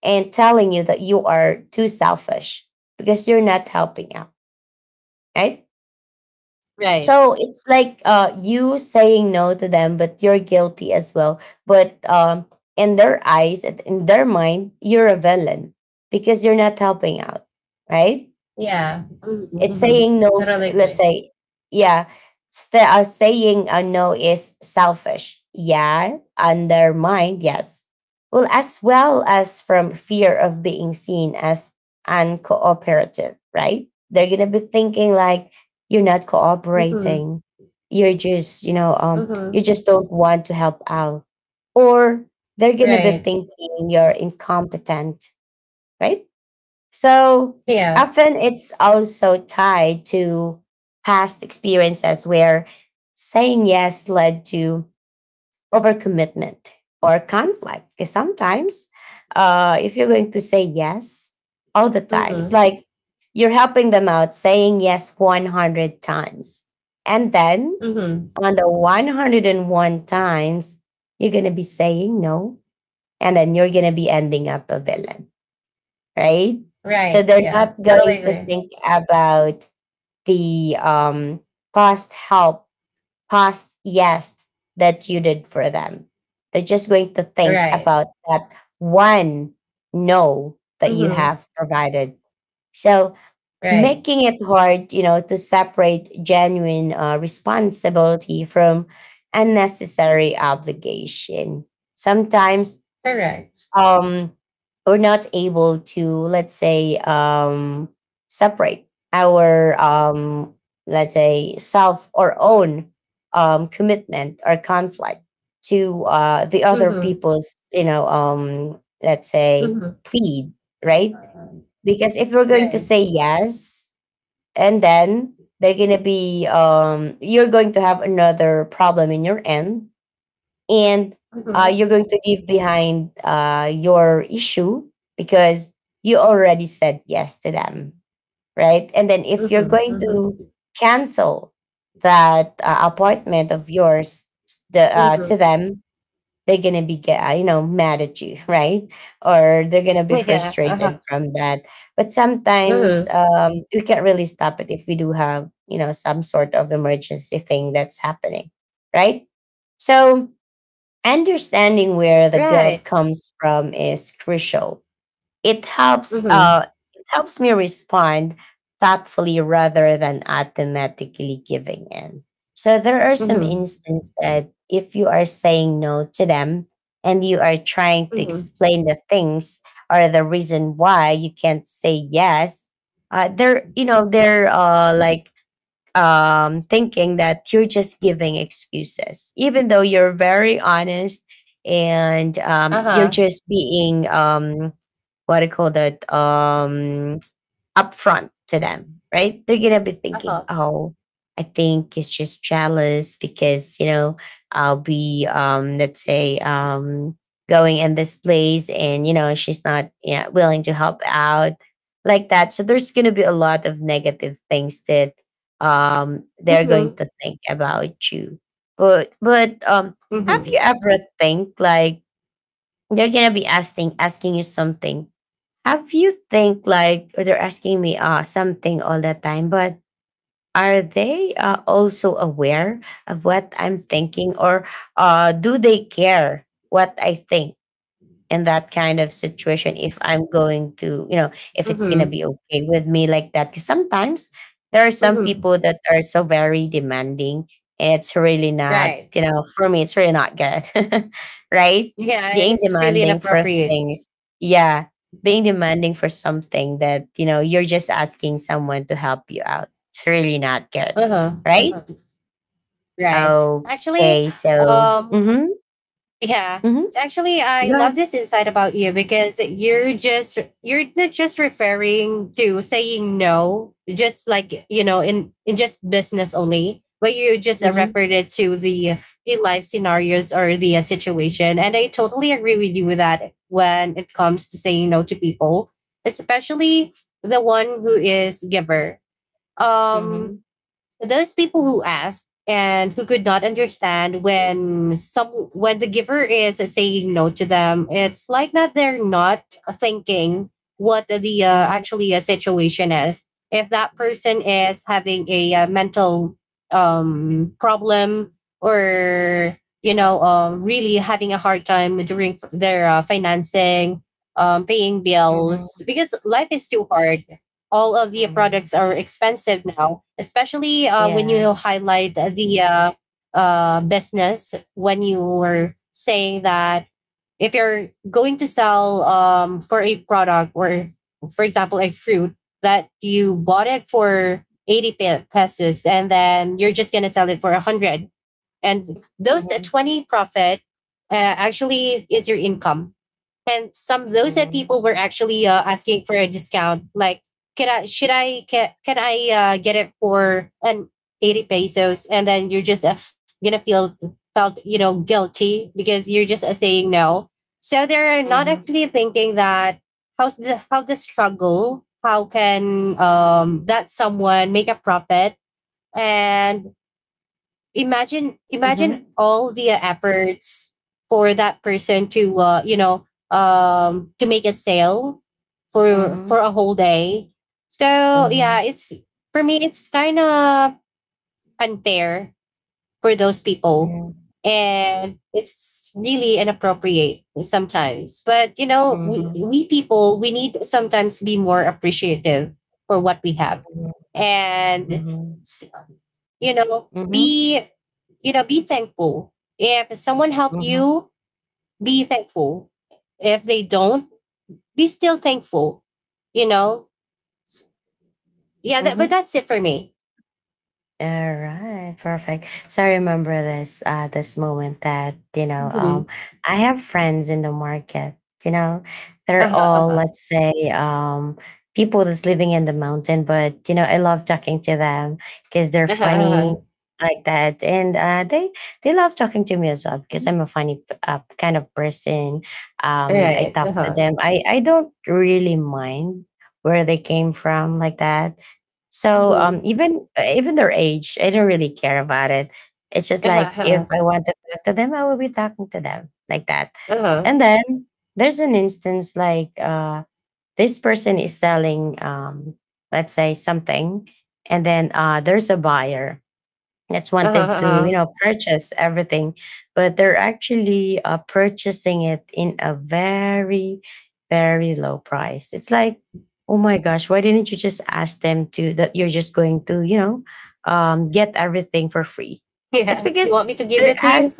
[SPEAKER 1] and telling you that you are too selfish because you're not helping out, right?
[SPEAKER 2] Right.
[SPEAKER 1] So it's like you saying no to them, but you're guilty as well. But in their eyes, in their mind, you're a villain because you're not helping out, right?
[SPEAKER 2] Yeah. Mm-hmm.
[SPEAKER 1] It's
[SPEAKER 2] Mm-hmm.
[SPEAKER 1] saying no.
[SPEAKER 2] Totally
[SPEAKER 1] Let's
[SPEAKER 2] agree.
[SPEAKER 1] say, yeah, saying a no is selfish. Yeah, undermined. Yes, well as from fear of being seen as uncooperative. Right? They're gonna be thinking like you're not
[SPEAKER 2] Mm-hmm.
[SPEAKER 1] cooperating. You're just, you know,
[SPEAKER 2] Mm-hmm.
[SPEAKER 1] you just don't want to help out, or they're gonna be
[SPEAKER 2] Right.
[SPEAKER 1] thinking you're incompetent. Right? So
[SPEAKER 2] Yeah.
[SPEAKER 1] often it's also tied to past experiences where saying yes led to overcommitment or conflict. Because sometimes, if you're going to say yes all the time, it's
[SPEAKER 2] Mm-hmm.
[SPEAKER 1] like you're helping them out saying yes 100 times. And then
[SPEAKER 2] Mm-hmm.
[SPEAKER 1] on the 101 times, you're going to be saying no. And then you're going to be ending up a villain, right? So
[SPEAKER 2] Right.
[SPEAKER 1] they're
[SPEAKER 2] Yeah.
[SPEAKER 1] not
[SPEAKER 2] Totally
[SPEAKER 1] going to
[SPEAKER 2] agree.
[SPEAKER 1] think about the past help, past yes that you did for them. They're just going to think
[SPEAKER 2] Right.
[SPEAKER 1] about that one no that you
[SPEAKER 2] Mm-hmm.
[SPEAKER 1] have provided. So
[SPEAKER 2] Right.
[SPEAKER 1] making it hard, you know, to separate genuine responsibility from unnecessary obligation. Sometimes
[SPEAKER 2] Correct.
[SPEAKER 1] um, we're not able to, let's say, separate our, let's say, self or own commitment or conflict to the other
[SPEAKER 2] Mm-hmm.
[SPEAKER 1] people's, you know, let's say, plead, right?
[SPEAKER 2] Mm-hmm.
[SPEAKER 1] Because if we're going to
[SPEAKER 2] Yeah.
[SPEAKER 1] say yes, and then you're going to have another problem in your end, and
[SPEAKER 2] Mm-hmm.
[SPEAKER 1] you're going to leave behind your issue because you already said yes to them, right? And then if you're
[SPEAKER 2] Mm-hmm.
[SPEAKER 1] going to
[SPEAKER 2] Mm-hmm.
[SPEAKER 1] cancel that appointment of yours, the, to
[SPEAKER 2] Mm-hmm.
[SPEAKER 1] them, they're gonna be you know mad at you, right? Or they're gonna be
[SPEAKER 2] Yeah.
[SPEAKER 1] frustrated
[SPEAKER 2] Uh-huh.
[SPEAKER 1] from that. But sometimes
[SPEAKER 2] Mm-hmm.
[SPEAKER 1] we can't really stop it if we do have you know some sort of emergency thing that's happening, right? So understanding where the guilt
[SPEAKER 2] Right.
[SPEAKER 1] comes from is crucial. It helps uh
[SPEAKER 2] Mm-hmm.
[SPEAKER 1] it helps me respond thoughtfully rather than automatically giving in. So there are some
[SPEAKER 2] Mm-hmm.
[SPEAKER 1] instances that if you are saying no to them and you are trying to
[SPEAKER 2] Mm-hmm.
[SPEAKER 1] explain the things or the reason why you can't say yes, they're you know they're like thinking that you're just giving excuses, even though you're very honest and you're
[SPEAKER 2] Uh-huh.
[SPEAKER 1] just being what I call that? Upfront to them, right? They're gonna be thinking,
[SPEAKER 2] Uh-huh.
[SPEAKER 1] "Oh, I think it's just jealous because you know I'll be, let's say, going in this place, and you know she's not yeah, willing to help out like that." So there's gonna be a lot of negative things that they're going
[SPEAKER 2] Mm-hmm.
[SPEAKER 1] to think about you. But
[SPEAKER 2] Mm-hmm.
[SPEAKER 1] have you ever think like they're gonna be asking you something? Have you think like they're asking me something all the time, but are they also aware of what I'm thinking, or do they care what I think? In that kind of situation if I'm going to, you know, if it's going to
[SPEAKER 2] Mm-hmm.
[SPEAKER 1] be okay with me like that, because sometimes there are some
[SPEAKER 2] Mm-hmm.
[SPEAKER 1] people that are so very demanding and it's really not,
[SPEAKER 2] Right.
[SPEAKER 1] you know, for me, it's really not good, right?
[SPEAKER 2] Yeah,
[SPEAKER 1] Being
[SPEAKER 2] it's really
[SPEAKER 1] demanding for
[SPEAKER 2] inappropriate.
[SPEAKER 1] things. Yeah. Being demanding for something that, you know, you're just asking someone to help you out. It's really not good,
[SPEAKER 2] Uh-huh.
[SPEAKER 1] right?
[SPEAKER 2] Uh-huh. Right. Actually,
[SPEAKER 1] Okay. So,
[SPEAKER 2] um
[SPEAKER 1] mm hmm.
[SPEAKER 2] yeah.
[SPEAKER 1] Mm hmm.
[SPEAKER 2] So actually, I
[SPEAKER 1] Go
[SPEAKER 2] love
[SPEAKER 1] ahead.
[SPEAKER 2] this insight about you because you're not just referring to saying no, just like you know, in just business only, but you just
[SPEAKER 1] Mm
[SPEAKER 2] referred it to the life scenarios or the situation. And I totally agree with you with that when it comes to saying no to people, especially the one who is giver.
[SPEAKER 1] hmm. Mm
[SPEAKER 2] Um,
[SPEAKER 1] hmm.
[SPEAKER 2] so those people who asked and who could not understand when some when the giver is saying no to them, it's like that they're not thinking what the actually situation is, if that person is having a mental problem or you know really having a hard time during f- their financing, paying
[SPEAKER 1] Mm hmm.
[SPEAKER 2] bills because life is too hard, all of the products
[SPEAKER 1] Mhm.
[SPEAKER 2] are expensive now, especially when
[SPEAKER 1] Yeah.
[SPEAKER 2] you highlight the business when you were saying that if you're going to sell for a product or, for example, a fruit that you bought it for 80 pesos and then you're just going to sell it for 100, and those that
[SPEAKER 1] Mhm.
[SPEAKER 2] 20 profit actually is your income. And some those that
[SPEAKER 1] Mhm.
[SPEAKER 2] people were actually asking for a discount like can I should I can I get it for an 80 pesos and then you're just gonna feel felt you know guilty because you're just saying no. So they're not
[SPEAKER 1] Mhm.
[SPEAKER 2] actually thinking that how's the how the struggle how can that someone make a profit, and imagine
[SPEAKER 1] Mhm.
[SPEAKER 2] all the efforts for that person to you know to make a sale for
[SPEAKER 1] Mhm.
[SPEAKER 2] a whole day. So yeah,
[SPEAKER 1] Mhm.
[SPEAKER 2] it's for me it's kind of unfair for those people, and it's really inappropriate sometimes. But you know,
[SPEAKER 1] Mhm.
[SPEAKER 2] we people we need to sometimes be more appreciative for what we have
[SPEAKER 1] Mhm.
[SPEAKER 2] and
[SPEAKER 1] Mhm.
[SPEAKER 2] s- you know
[SPEAKER 1] Mhm. Mhm.
[SPEAKER 2] be you know, be thankful. If someone helped
[SPEAKER 1] Mhm.
[SPEAKER 2] you, be thankful. If they don't, be still thankful. You know, S- yeah. That, but
[SPEAKER 1] Mhm.
[SPEAKER 2] that's it for me.
[SPEAKER 1] All right, perfect. So I remember this this moment that, you know,
[SPEAKER 2] Mm-hmm.
[SPEAKER 1] I have friends in the market, you know,
[SPEAKER 2] Uh
[SPEAKER 1] they're
[SPEAKER 2] huh. Uh
[SPEAKER 1] all
[SPEAKER 2] huh.
[SPEAKER 1] let's say people that's living in the mountain, but you know, I love talking to them because they're
[SPEAKER 2] Uh huh.
[SPEAKER 1] funny
[SPEAKER 2] Uh-huh.
[SPEAKER 1] like that. And they love talking to me as well because
[SPEAKER 2] Mhm.
[SPEAKER 1] I'm a kind of person.
[SPEAKER 2] All
[SPEAKER 1] I
[SPEAKER 2] right. Uh
[SPEAKER 1] talk to
[SPEAKER 2] huh.
[SPEAKER 1] them. I don't really mind where they came from like that. So
[SPEAKER 2] Mm-hmm.
[SPEAKER 1] even even their age, I don't really care about it. It's just
[SPEAKER 2] Uh huh.
[SPEAKER 1] like
[SPEAKER 2] Uh
[SPEAKER 1] if I
[SPEAKER 2] huh.
[SPEAKER 1] want to talk to them, I will be talking to them like that.
[SPEAKER 2] Uh huh.
[SPEAKER 1] And then there's an instance like this person is selling, let's say something, and then there's a buyer that's wanted to
[SPEAKER 2] Uh-huh.
[SPEAKER 1] you know purchase everything, but they're actually purchasing it in a very low price. It's like, oh my gosh, why didn't you just ask them to that you're just going to you know get everything for free? It's
[SPEAKER 2] Yeah. You
[SPEAKER 1] because
[SPEAKER 2] want me to give
[SPEAKER 1] they're
[SPEAKER 2] it to you?
[SPEAKER 1] ask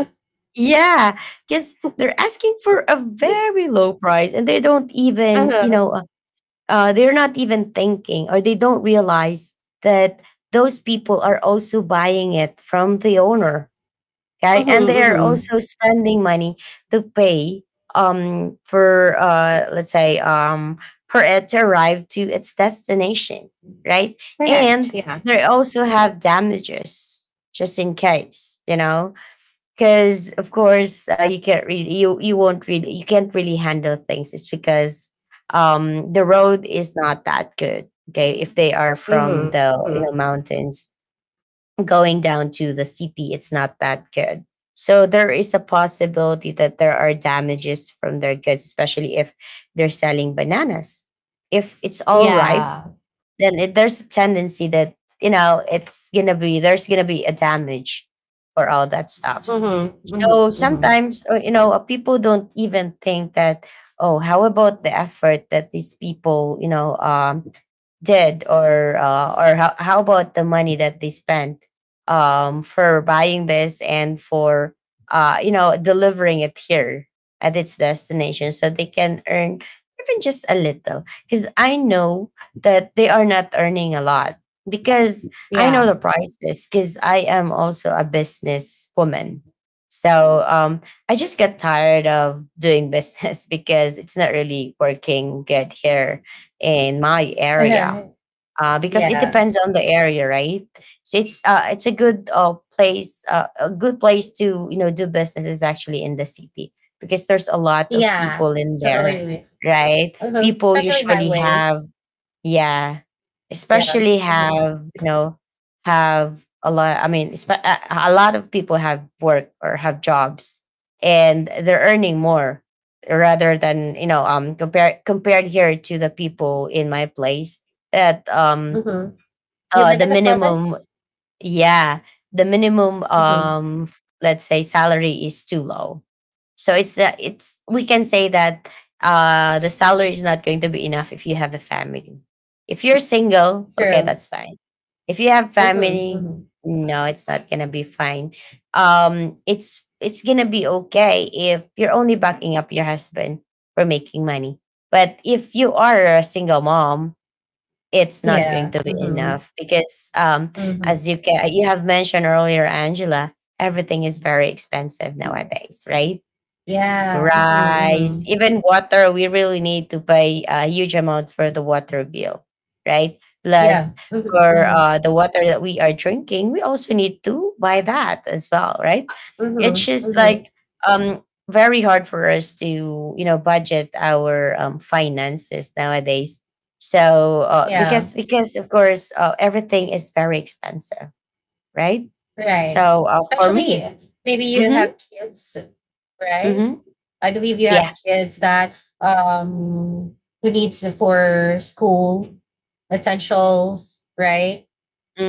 [SPEAKER 1] yeah, because they're asking for a very low price and they don't
[SPEAKER 2] Uh
[SPEAKER 1] even you
[SPEAKER 2] huh.
[SPEAKER 1] know they're not even thinking or they don't realize that those people are also buying it from the owner, okay,
[SPEAKER 2] Mm-hmm.
[SPEAKER 1] and they are
[SPEAKER 2] Mm-hmm.
[SPEAKER 1] also spending money to pay for let's say for it to arrive to its destination, right? And
[SPEAKER 2] Correct. Yeah.
[SPEAKER 1] they also have damages just in case you know because of course you can't really handle things. It's because the road is not that good, okay, if they are
[SPEAKER 2] Mm-hmm.
[SPEAKER 1] from the
[SPEAKER 2] Mm-hmm.
[SPEAKER 1] you know mountains going down to the city, it's not that good. So there is a possibility that there are damages from their goods, especially if they're selling bananas, if it's all ripe.
[SPEAKER 2] Yeah.
[SPEAKER 1] Then there's a tendency that you know it's gonna be there's gonna be a damage for all that stuffs.
[SPEAKER 2] Mm-hmm.
[SPEAKER 1] So
[SPEAKER 2] Mm-hmm. Mm-hmm.
[SPEAKER 1] sometimes you know people don't even think that, oh, how about the effort that these people you know did, or how about the money that they spent for buying this and for you know delivering it here at its destination so they can earn even just a little, because I know that they are not earning a lot, because I know
[SPEAKER 2] Yeah.
[SPEAKER 1] the prices because I am also a business woman So I just get tired of doing business because it's not really working good here in my area. Because it
[SPEAKER 2] Yeah.
[SPEAKER 1] depends on the area, right? So it's a good place, a good place to do business is actually in the city because there's a lot of
[SPEAKER 2] Yeah,
[SPEAKER 1] people in
[SPEAKER 2] totally
[SPEAKER 1] there,
[SPEAKER 2] agree.
[SPEAKER 1] right?
[SPEAKER 2] Mhm.
[SPEAKER 1] People
[SPEAKER 2] Especially
[SPEAKER 1] usually have,
[SPEAKER 2] highways.
[SPEAKER 1] yeah,
[SPEAKER 2] Yeah.
[SPEAKER 1] especially
[SPEAKER 2] Hmm.
[SPEAKER 1] have have a lot. I mean, a lot of people have work or have jobs, and they're earning more rather than compared here to the people in my place that
[SPEAKER 2] Hmm. You live
[SPEAKER 1] the
[SPEAKER 2] in the
[SPEAKER 1] minimum,
[SPEAKER 2] province?
[SPEAKER 1] yeah, the minimum,
[SPEAKER 2] Hmm.
[SPEAKER 1] let's say salary is too low. So it's, we can say that the salary is not going to be enough if you have a family. If you're single, okay,
[SPEAKER 2] True.
[SPEAKER 1] that's fine. If you have
[SPEAKER 2] Hmm.
[SPEAKER 1] family,
[SPEAKER 2] Hmm.
[SPEAKER 1] no, it's not gonna be fine. It's gonna be okay if you're only backing up your husband for making money. But if you are a single mom, it's not
[SPEAKER 2] Yeah.
[SPEAKER 1] going to be
[SPEAKER 2] Hmm.
[SPEAKER 1] enough because
[SPEAKER 2] Hmm.
[SPEAKER 1] as you can you have mentioned earlier, Angela, everything is very expensive nowadays, right?
[SPEAKER 2] Yeah. Hmm.
[SPEAKER 1] Rice,
[SPEAKER 2] Hmm.
[SPEAKER 1] even water. We really need to pay a huge amount for the water bill, right? Plus,
[SPEAKER 2] Yeah. Hmm.
[SPEAKER 1] for
[SPEAKER 2] Hmm.
[SPEAKER 1] the water that we are drinking, we also need to buy that as well, right?
[SPEAKER 2] Hmm.
[SPEAKER 1] It's just
[SPEAKER 2] Hmm.
[SPEAKER 1] like um, very hard for us to, you know, budget our finances nowadays. So
[SPEAKER 2] Yeah.
[SPEAKER 1] because of course everything is very expensive, right?
[SPEAKER 2] Right.
[SPEAKER 1] So for
[SPEAKER 2] Especially
[SPEAKER 1] me,
[SPEAKER 2] maybe you
[SPEAKER 1] mm-hmm,
[SPEAKER 2] have kids, right?
[SPEAKER 1] mm-hmm,
[SPEAKER 2] I believe you have
[SPEAKER 1] yeah,
[SPEAKER 2] kids that um who needs for school essentials, right?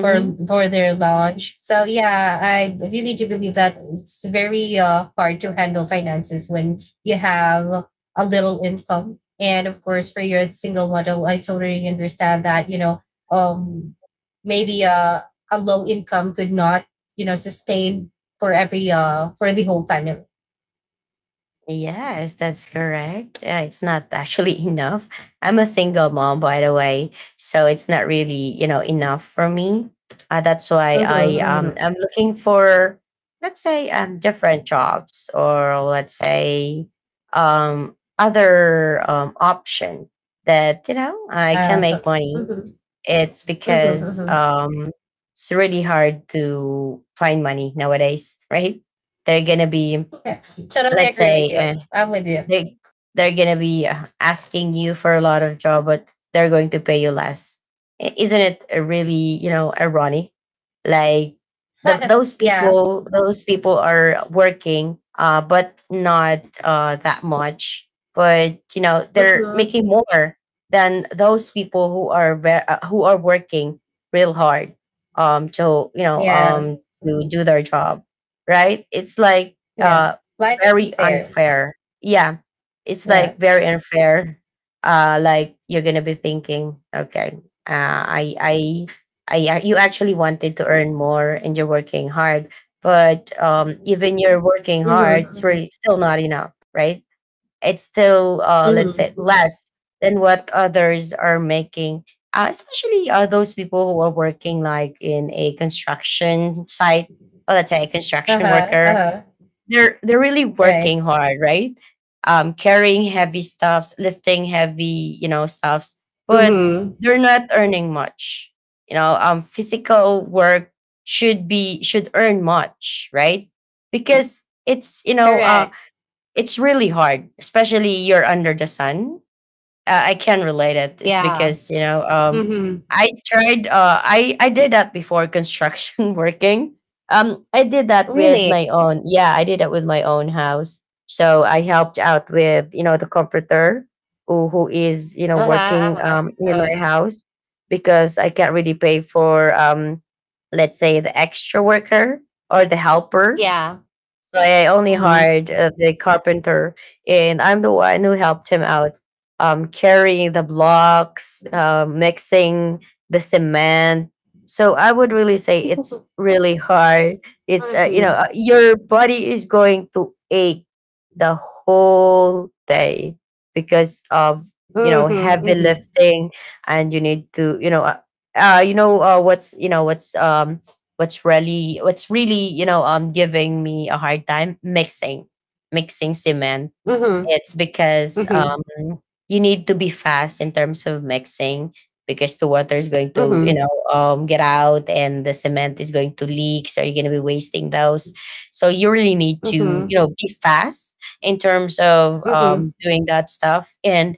[SPEAKER 2] For their launch. So yeah, I really do believe that it's very hard to handle finances when you have a little income. And of course, for your single model, I totally understand that you know um, maybe a low income could not you know sustain for every for the whole family.
[SPEAKER 1] Yes, that's correct. It's not actually enough. I'm a single mom, by the way, so it's not really, you know, enough for me. That's why
[SPEAKER 2] Mhm, mhm.
[SPEAKER 1] I'm looking for, let's say, different jobs, or let's say, other option that you know I can
[SPEAKER 2] Uh,
[SPEAKER 1] make money.
[SPEAKER 2] mhm,
[SPEAKER 1] It's
[SPEAKER 2] mhm,
[SPEAKER 1] because
[SPEAKER 2] mhm.
[SPEAKER 1] um it's really hard to find money nowadays, right? They're gonna be,
[SPEAKER 2] Yeah, totally agree
[SPEAKER 1] let's
[SPEAKER 2] with you.
[SPEAKER 1] say
[SPEAKER 2] I'm with you.
[SPEAKER 1] they they're gonna be asking you for a lot of job, but they're going to pay you less. Isn't it really, you know, ironic? Like
[SPEAKER 2] Yeah.
[SPEAKER 1] those people are working, but not that much. But you know they're
[SPEAKER 2] Hmm.
[SPEAKER 1] making more than those people who are who are working real hard to you know
[SPEAKER 2] Yeah.
[SPEAKER 1] to
[SPEAKER 2] Mhm.
[SPEAKER 1] do their job. Right, it's like
[SPEAKER 2] Yeah.
[SPEAKER 1] uh
[SPEAKER 2] Life isn't
[SPEAKER 1] very
[SPEAKER 2] fair.
[SPEAKER 1] unfair, yeah, it's
[SPEAKER 2] Yeah.
[SPEAKER 1] like very unfair. Like you're gonna be thinking, okay, uh, I, I, you actually wanted to earn more and you're working hard, but even you're working hard, it's
[SPEAKER 2] Mm-hmm.
[SPEAKER 1] really still not enough, right? It's still, let's
[SPEAKER 2] Mm-hmm.
[SPEAKER 1] say,
[SPEAKER 2] mm-hmm.
[SPEAKER 1] less than what others are making. Especially those people who are working like in a construction site, or let's say a construction
[SPEAKER 2] Uh-huh.
[SPEAKER 1] worker.
[SPEAKER 2] Uh-huh.
[SPEAKER 1] They're really
[SPEAKER 2] Right.
[SPEAKER 1] working hard, right? Carrying heavy stuffs, lifting heavy, you know, stuffs, but
[SPEAKER 2] Mm-hmm.
[SPEAKER 1] they're not earning much. You know, physical work should earn much, right? Because it's you know,
[SPEAKER 2] Correct.
[SPEAKER 1] it's really hard, especially you're under the sun. I can relate it. It's
[SPEAKER 2] Yeah.
[SPEAKER 1] because you know,
[SPEAKER 2] Mm-hmm.
[SPEAKER 1] I tried. I did that before, construction working. I did that with my
[SPEAKER 2] Really.
[SPEAKER 1] own. Yeah, I did that with my own house. So I helped out with you know the comforter, who is you know
[SPEAKER 2] Uh-huh.
[SPEAKER 1] working
[SPEAKER 2] Uh-huh.
[SPEAKER 1] in my
[SPEAKER 2] Uh,
[SPEAKER 1] house because I can't really pay for let's say the extra worker or the helper.
[SPEAKER 2] yeah.
[SPEAKER 1] So I only
[SPEAKER 2] Mm-hmm.
[SPEAKER 1] hired the carpenter, and I'm the one who helped him out, carrying the blocks, mixing the cement. So I would really say it's really hard. It's
[SPEAKER 2] Mm-hmm.
[SPEAKER 1] you know
[SPEAKER 2] Mm-hmm.
[SPEAKER 1] your body is going to ache the whole day because of you know heavy
[SPEAKER 2] Mm-hmm.
[SPEAKER 1] lifting, and you need to you know what's you know what's really you know giving me a hard time, mixing cement,
[SPEAKER 2] Mm-hmm.
[SPEAKER 1] it's because
[SPEAKER 2] Mm-hmm.
[SPEAKER 1] you need to be fast in terms of mixing because the water is going to, you
[SPEAKER 2] Mm-hmm.
[SPEAKER 1] know, get out, and the cement is going to leak. So you're going to be wasting those. So you really need to,
[SPEAKER 2] Mm-hmm.
[SPEAKER 1] you know, be fast in terms of
[SPEAKER 2] Mm-hmm.
[SPEAKER 1] doing that stuff. And,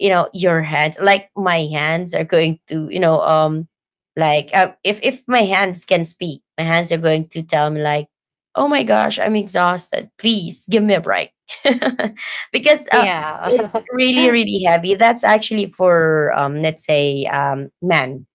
[SPEAKER 1] you know, your hands, like my hands are going to, you know, like if my hands can speak, my hands are going to tell me like, oh my gosh, I'm exhausted. Please give me a break. because
[SPEAKER 2] Yeah.
[SPEAKER 1] it's
[SPEAKER 2] Mm-hmm.
[SPEAKER 1] really really heavy. That's actually for let's say men,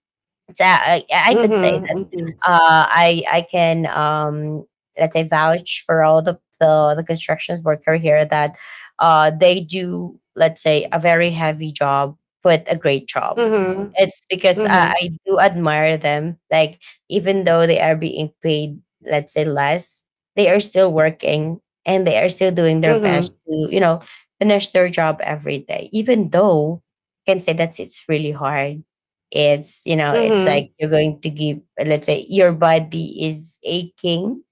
[SPEAKER 1] yeah, I could say that,
[SPEAKER 2] Mm-hmm.
[SPEAKER 1] I can, let's say, vouch for all the constructions worker here that, they do, let's say, a very heavy job, but a great job.
[SPEAKER 2] Mm-hmm. Mm-hmm.
[SPEAKER 1] It's because I do admire them. Like even though they are being paid, let's say, less, they are still working, and they are still doing their
[SPEAKER 2] Mm-hmm.
[SPEAKER 1] best to, you know, finish their job every day. Even though I can say that it's really hard, it's, you know, it's like you're going to give, let's say, your body is aching,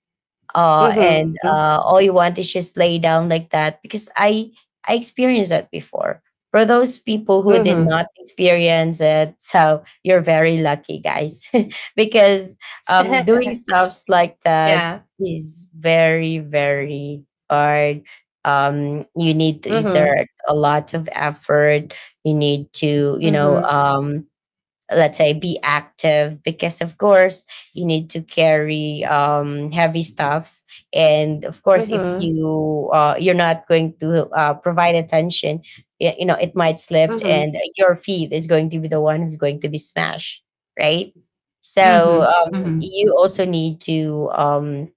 [SPEAKER 1] and
[SPEAKER 2] Mm-hmm.
[SPEAKER 1] all you want is just lay down like that because I experienced that before. For those people who did
[SPEAKER 2] Mm-hmm.
[SPEAKER 1] not experience it, so you're very lucky, guys, because doing stuffs like that
[SPEAKER 2] Yeah.
[SPEAKER 1] is very very hard. You need to
[SPEAKER 2] Mhm.
[SPEAKER 1] exert a lot of effort. You need to, you know,
[SPEAKER 2] Mhm.
[SPEAKER 1] let's say be active because of course you need to carry heavy stuffs, and of course if
[SPEAKER 2] Mhm.
[SPEAKER 1] you you're not going to provide attention, you know it might slip
[SPEAKER 2] Mhm.
[SPEAKER 1] and your feet is going to be the one who's going to be smashed, right? So
[SPEAKER 2] Mhm. Mhm.
[SPEAKER 1] you also need to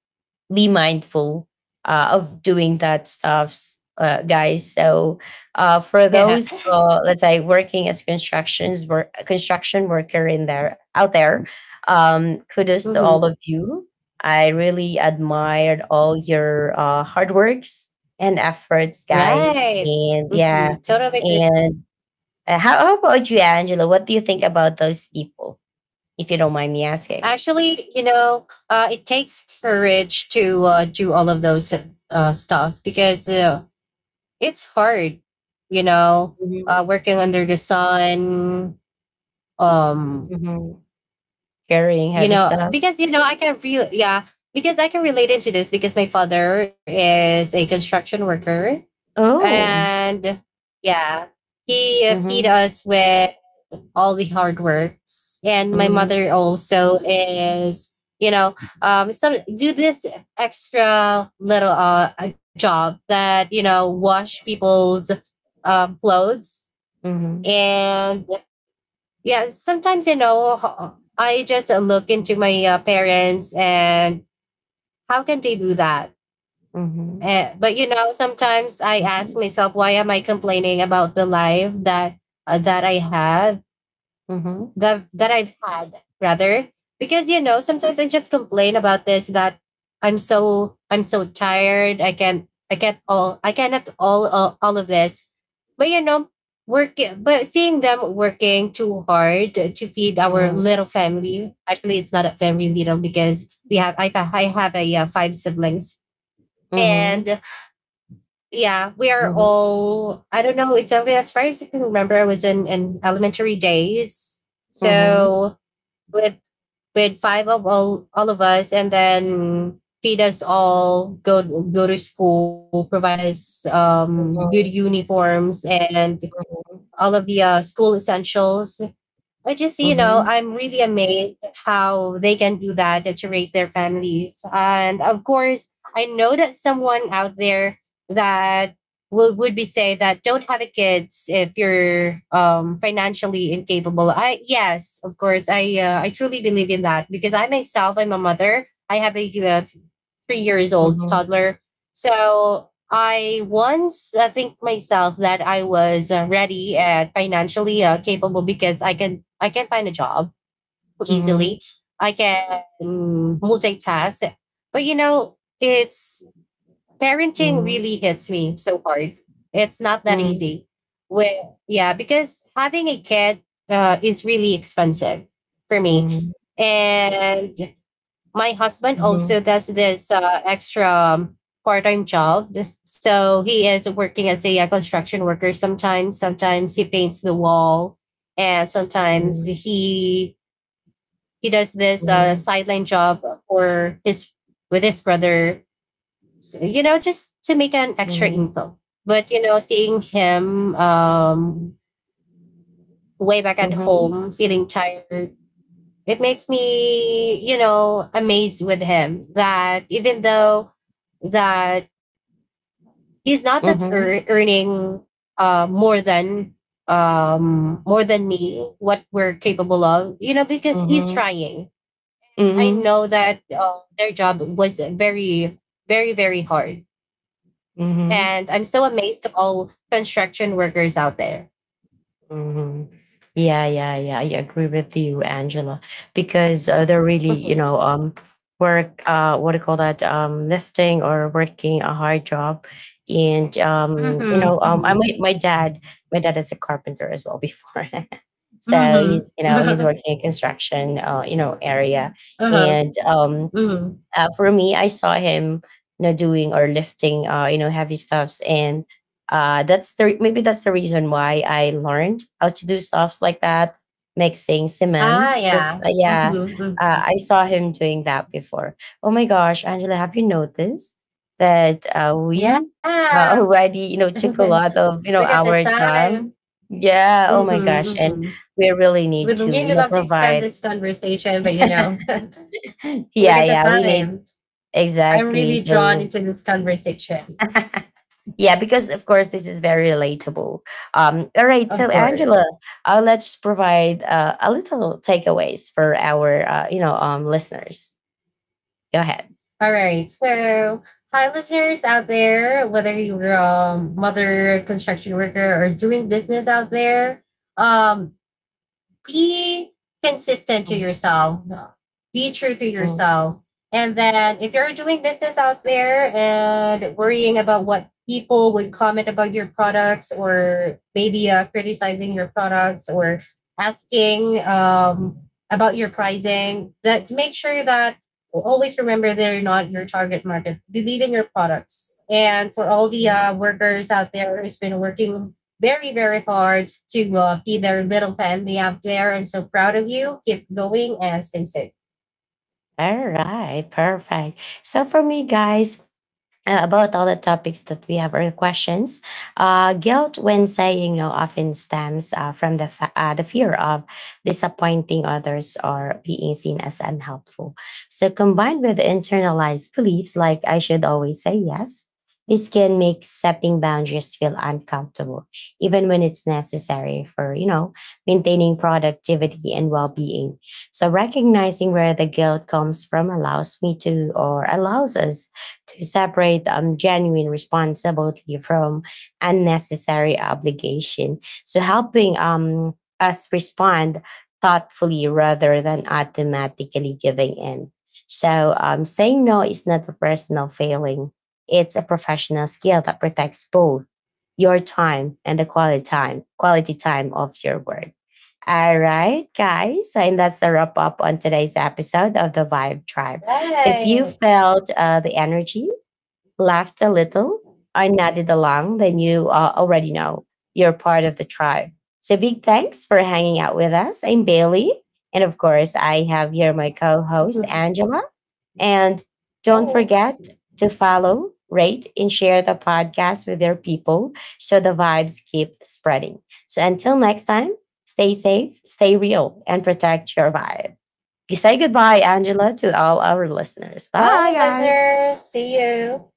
[SPEAKER 1] be mindful of doing that stuffs, guys. So for
[SPEAKER 2] Yeah.
[SPEAKER 1] those, let's say, working as construction worker in there out there, kudos to all of
[SPEAKER 2] Mhm.
[SPEAKER 1] you. I really admired all your hard works and efforts, guys.
[SPEAKER 2] Right.
[SPEAKER 1] And yeah,
[SPEAKER 2] Mhm. Totally agree.
[SPEAKER 1] and how about you, Angela? What do you think about those people, if you don't mind me asking?
[SPEAKER 2] Actually, you know, it takes courage to do all of those stuff because it's hard. You know,
[SPEAKER 1] Mhm.
[SPEAKER 2] working under the sun. Um,
[SPEAKER 1] Mhm. Carrying
[SPEAKER 2] you
[SPEAKER 1] heavy
[SPEAKER 2] know,
[SPEAKER 1] stuff.
[SPEAKER 2] because you know, yeah, because I can relate into this because my father is a construction worker.
[SPEAKER 1] Oh.
[SPEAKER 2] And yeah, he feed
[SPEAKER 1] Mhm.
[SPEAKER 2] us with all the hard works. And my
[SPEAKER 1] Mhm.
[SPEAKER 2] mother also is, you know, some do this extra little job that you know wash people's clothes.
[SPEAKER 1] Mhm.
[SPEAKER 2] And yeah, sometimes you know I just look into my parents and how can they do that?
[SPEAKER 1] Mhm.
[SPEAKER 2] Eh, but you know, sometimes I ask myself, why am I complaining about the life that I have,
[SPEAKER 1] Mhm.
[SPEAKER 2] that I've had rather? Because you know, sometimes I just complain about this that I'm so tired. I can't all I cannot all of this. But you know, working but seeing them working too hard to feed our
[SPEAKER 1] Mhm.
[SPEAKER 2] little family. Actually, it's not a family little because we have I have a 5 siblings,
[SPEAKER 1] Mhm.
[SPEAKER 2] and yeah, we are
[SPEAKER 1] Mhm.
[SPEAKER 2] all, I don't know, it's only as far as I can remember, I was in elementary days.
[SPEAKER 1] Mhm.
[SPEAKER 2] So with with 5 of all of us, and then feed us all, go to school, provide us good uniforms and all of the school essentials. I just, you know,
[SPEAKER 1] Mhm.
[SPEAKER 2] I'm really amazed how they can do that to raise their families. And of course, I know that someone out there that would be say that don't have a kids if you're financially incapable. Of course, I truly believe in that because I myself I'm a mother. I have a 3-year-old old
[SPEAKER 1] Mhm.
[SPEAKER 2] toddler. So I once think myself that I was ready and financially capable because I can find a job
[SPEAKER 1] Mhm.
[SPEAKER 2] easily. I can multitask, but you know, it's parenting
[SPEAKER 1] Mhm.
[SPEAKER 2] really hits me so hard. It's not that
[SPEAKER 1] Mhm.
[SPEAKER 2] easy. With yeah, because having a kid is really expensive for me,
[SPEAKER 1] Mhm.
[SPEAKER 2] and my husband
[SPEAKER 1] Mhm.
[SPEAKER 2] also does this extra part-time job. So he is working as a, construction worker. Sometimes he paints the wall, and sometimes
[SPEAKER 1] Mhm.
[SPEAKER 2] he does this sideline job for his with his brother, so, you know, just to make an
[SPEAKER 1] Mhm.
[SPEAKER 2] extra
[SPEAKER 1] Mhm.
[SPEAKER 2] income. But you know, seeing him way back
[SPEAKER 1] Mhm.
[SPEAKER 2] at
[SPEAKER 1] Mhm.
[SPEAKER 2] home feeling tired, it makes me, you know, amazed with him. That even though that he's not that
[SPEAKER 1] Mhm.
[SPEAKER 2] earning uh more than more than me what we're capable of, you know, because
[SPEAKER 1] Mhm.
[SPEAKER 2] he's
[SPEAKER 1] Mhm.
[SPEAKER 2] trying. I
[SPEAKER 1] Mhm.
[SPEAKER 2] know that their job was very very hard,
[SPEAKER 1] Mhm.
[SPEAKER 2] and I'm so amazed to all construction workers out there.
[SPEAKER 1] Mhm. Yeah, yeah, yeah. I agree with you, Angela, because they're really, you
[SPEAKER 2] Mhm.
[SPEAKER 1] know, work, what do you call that, lifting or working a hard job, and you know,
[SPEAKER 2] Mm-hmm.
[SPEAKER 1] I my my dad is a carpenter as well before, so
[SPEAKER 2] Mm-hmm.
[SPEAKER 1] he's, you know, he's
[SPEAKER 2] Mm-hmm.
[SPEAKER 1] working in construction, you know, area,
[SPEAKER 2] Uh-huh.
[SPEAKER 1] and
[SPEAKER 2] Mm-hmm.
[SPEAKER 1] for me, I saw him, you know, doing or lifting, you know, heavy stuffs, and maybe that's the reason why I learned how to do stuffs like that, mixing
[SPEAKER 2] Ah,
[SPEAKER 1] cement. Yes,
[SPEAKER 2] yeah.
[SPEAKER 1] yeah,
[SPEAKER 2] Mm-hmm.
[SPEAKER 1] I saw him doing that before. Oh my gosh, Angela, have you noticed that we
[SPEAKER 2] Yeah.
[SPEAKER 1] already, you know, took a lot
[SPEAKER 2] Look
[SPEAKER 1] of you
[SPEAKER 2] at
[SPEAKER 1] know
[SPEAKER 2] the
[SPEAKER 1] our
[SPEAKER 2] time.
[SPEAKER 1] time? Yeah. Oh my
[SPEAKER 2] Mm-hmm,
[SPEAKER 1] gosh, and
[SPEAKER 2] mm-hmm.
[SPEAKER 1] we really
[SPEAKER 2] We'd
[SPEAKER 1] need to,
[SPEAKER 2] really
[SPEAKER 1] you know,
[SPEAKER 2] love to extend
[SPEAKER 1] provide
[SPEAKER 2] this conversation, but you know, look at
[SPEAKER 1] yeah
[SPEAKER 2] the
[SPEAKER 1] yeah we need,
[SPEAKER 2] time. I'm
[SPEAKER 1] exactly,
[SPEAKER 2] really drawn
[SPEAKER 1] so
[SPEAKER 2] into this conversation,
[SPEAKER 1] yeah, because of course this is very relatable. All right,
[SPEAKER 2] of
[SPEAKER 1] so
[SPEAKER 2] course.
[SPEAKER 1] Angela, let's provide a little takeaways for our you know listeners. Go ahead.
[SPEAKER 2] All right. So, hi, listeners out there, whether you're a mother, construction worker, or doing business out there, um, be consistent to
[SPEAKER 1] Mm,
[SPEAKER 2] yourself, be true to
[SPEAKER 1] mm,
[SPEAKER 2] yourself. And then if you're doing business out there and worrying about what people would comment about your products or maybe criticizing your products or asking about your pricing, that make sure that always remember they're not your target market. Believe in your products. And for all the
[SPEAKER 1] mm.
[SPEAKER 2] workers out there who's been working very, very hard to be their little family out there. I'm so proud of you. Keep going and stay safe.
[SPEAKER 1] All right, perfect. So for me, guys, about all the topics that we have or questions. Guilt, when saying no, often stems the fear of disappointing others or being seen as unhelpful. So, combined with internalized beliefs like "I should always say yes," this can make setting boundaries feel uncomfortable, even when it's necessary for you know maintaining productivity and well being. So, recognizing where the guilt comes from allows me to or allows us to separate genuine responsibility from unnecessary obligation. So helping us respond thoughtfully rather than automatically giving in. So saying no is not a personal failing. It's a professional skill that protects both your time and quality time of your work. All right, guys. So, and that's the wrap up on today's episode of the Vibe Tribe. So if you
[SPEAKER 2] Right.
[SPEAKER 1] felt the energy, laughed a little, I nodded along, then you already know you're part of the tribe. So big thanks for hanging out with us. I'm Bailey. And of course, I have here my co host, Angela. And don't
[SPEAKER 2] Cool.
[SPEAKER 1] forget to follow, rate, and share the podcast with your people so the vibes keep spreading. So until next time, stay safe, stay real, and protect your vibe. Say goodbye, Angela, to all our listeners. Bye,
[SPEAKER 2] Bye,
[SPEAKER 1] guys.
[SPEAKER 2] listeners. See you.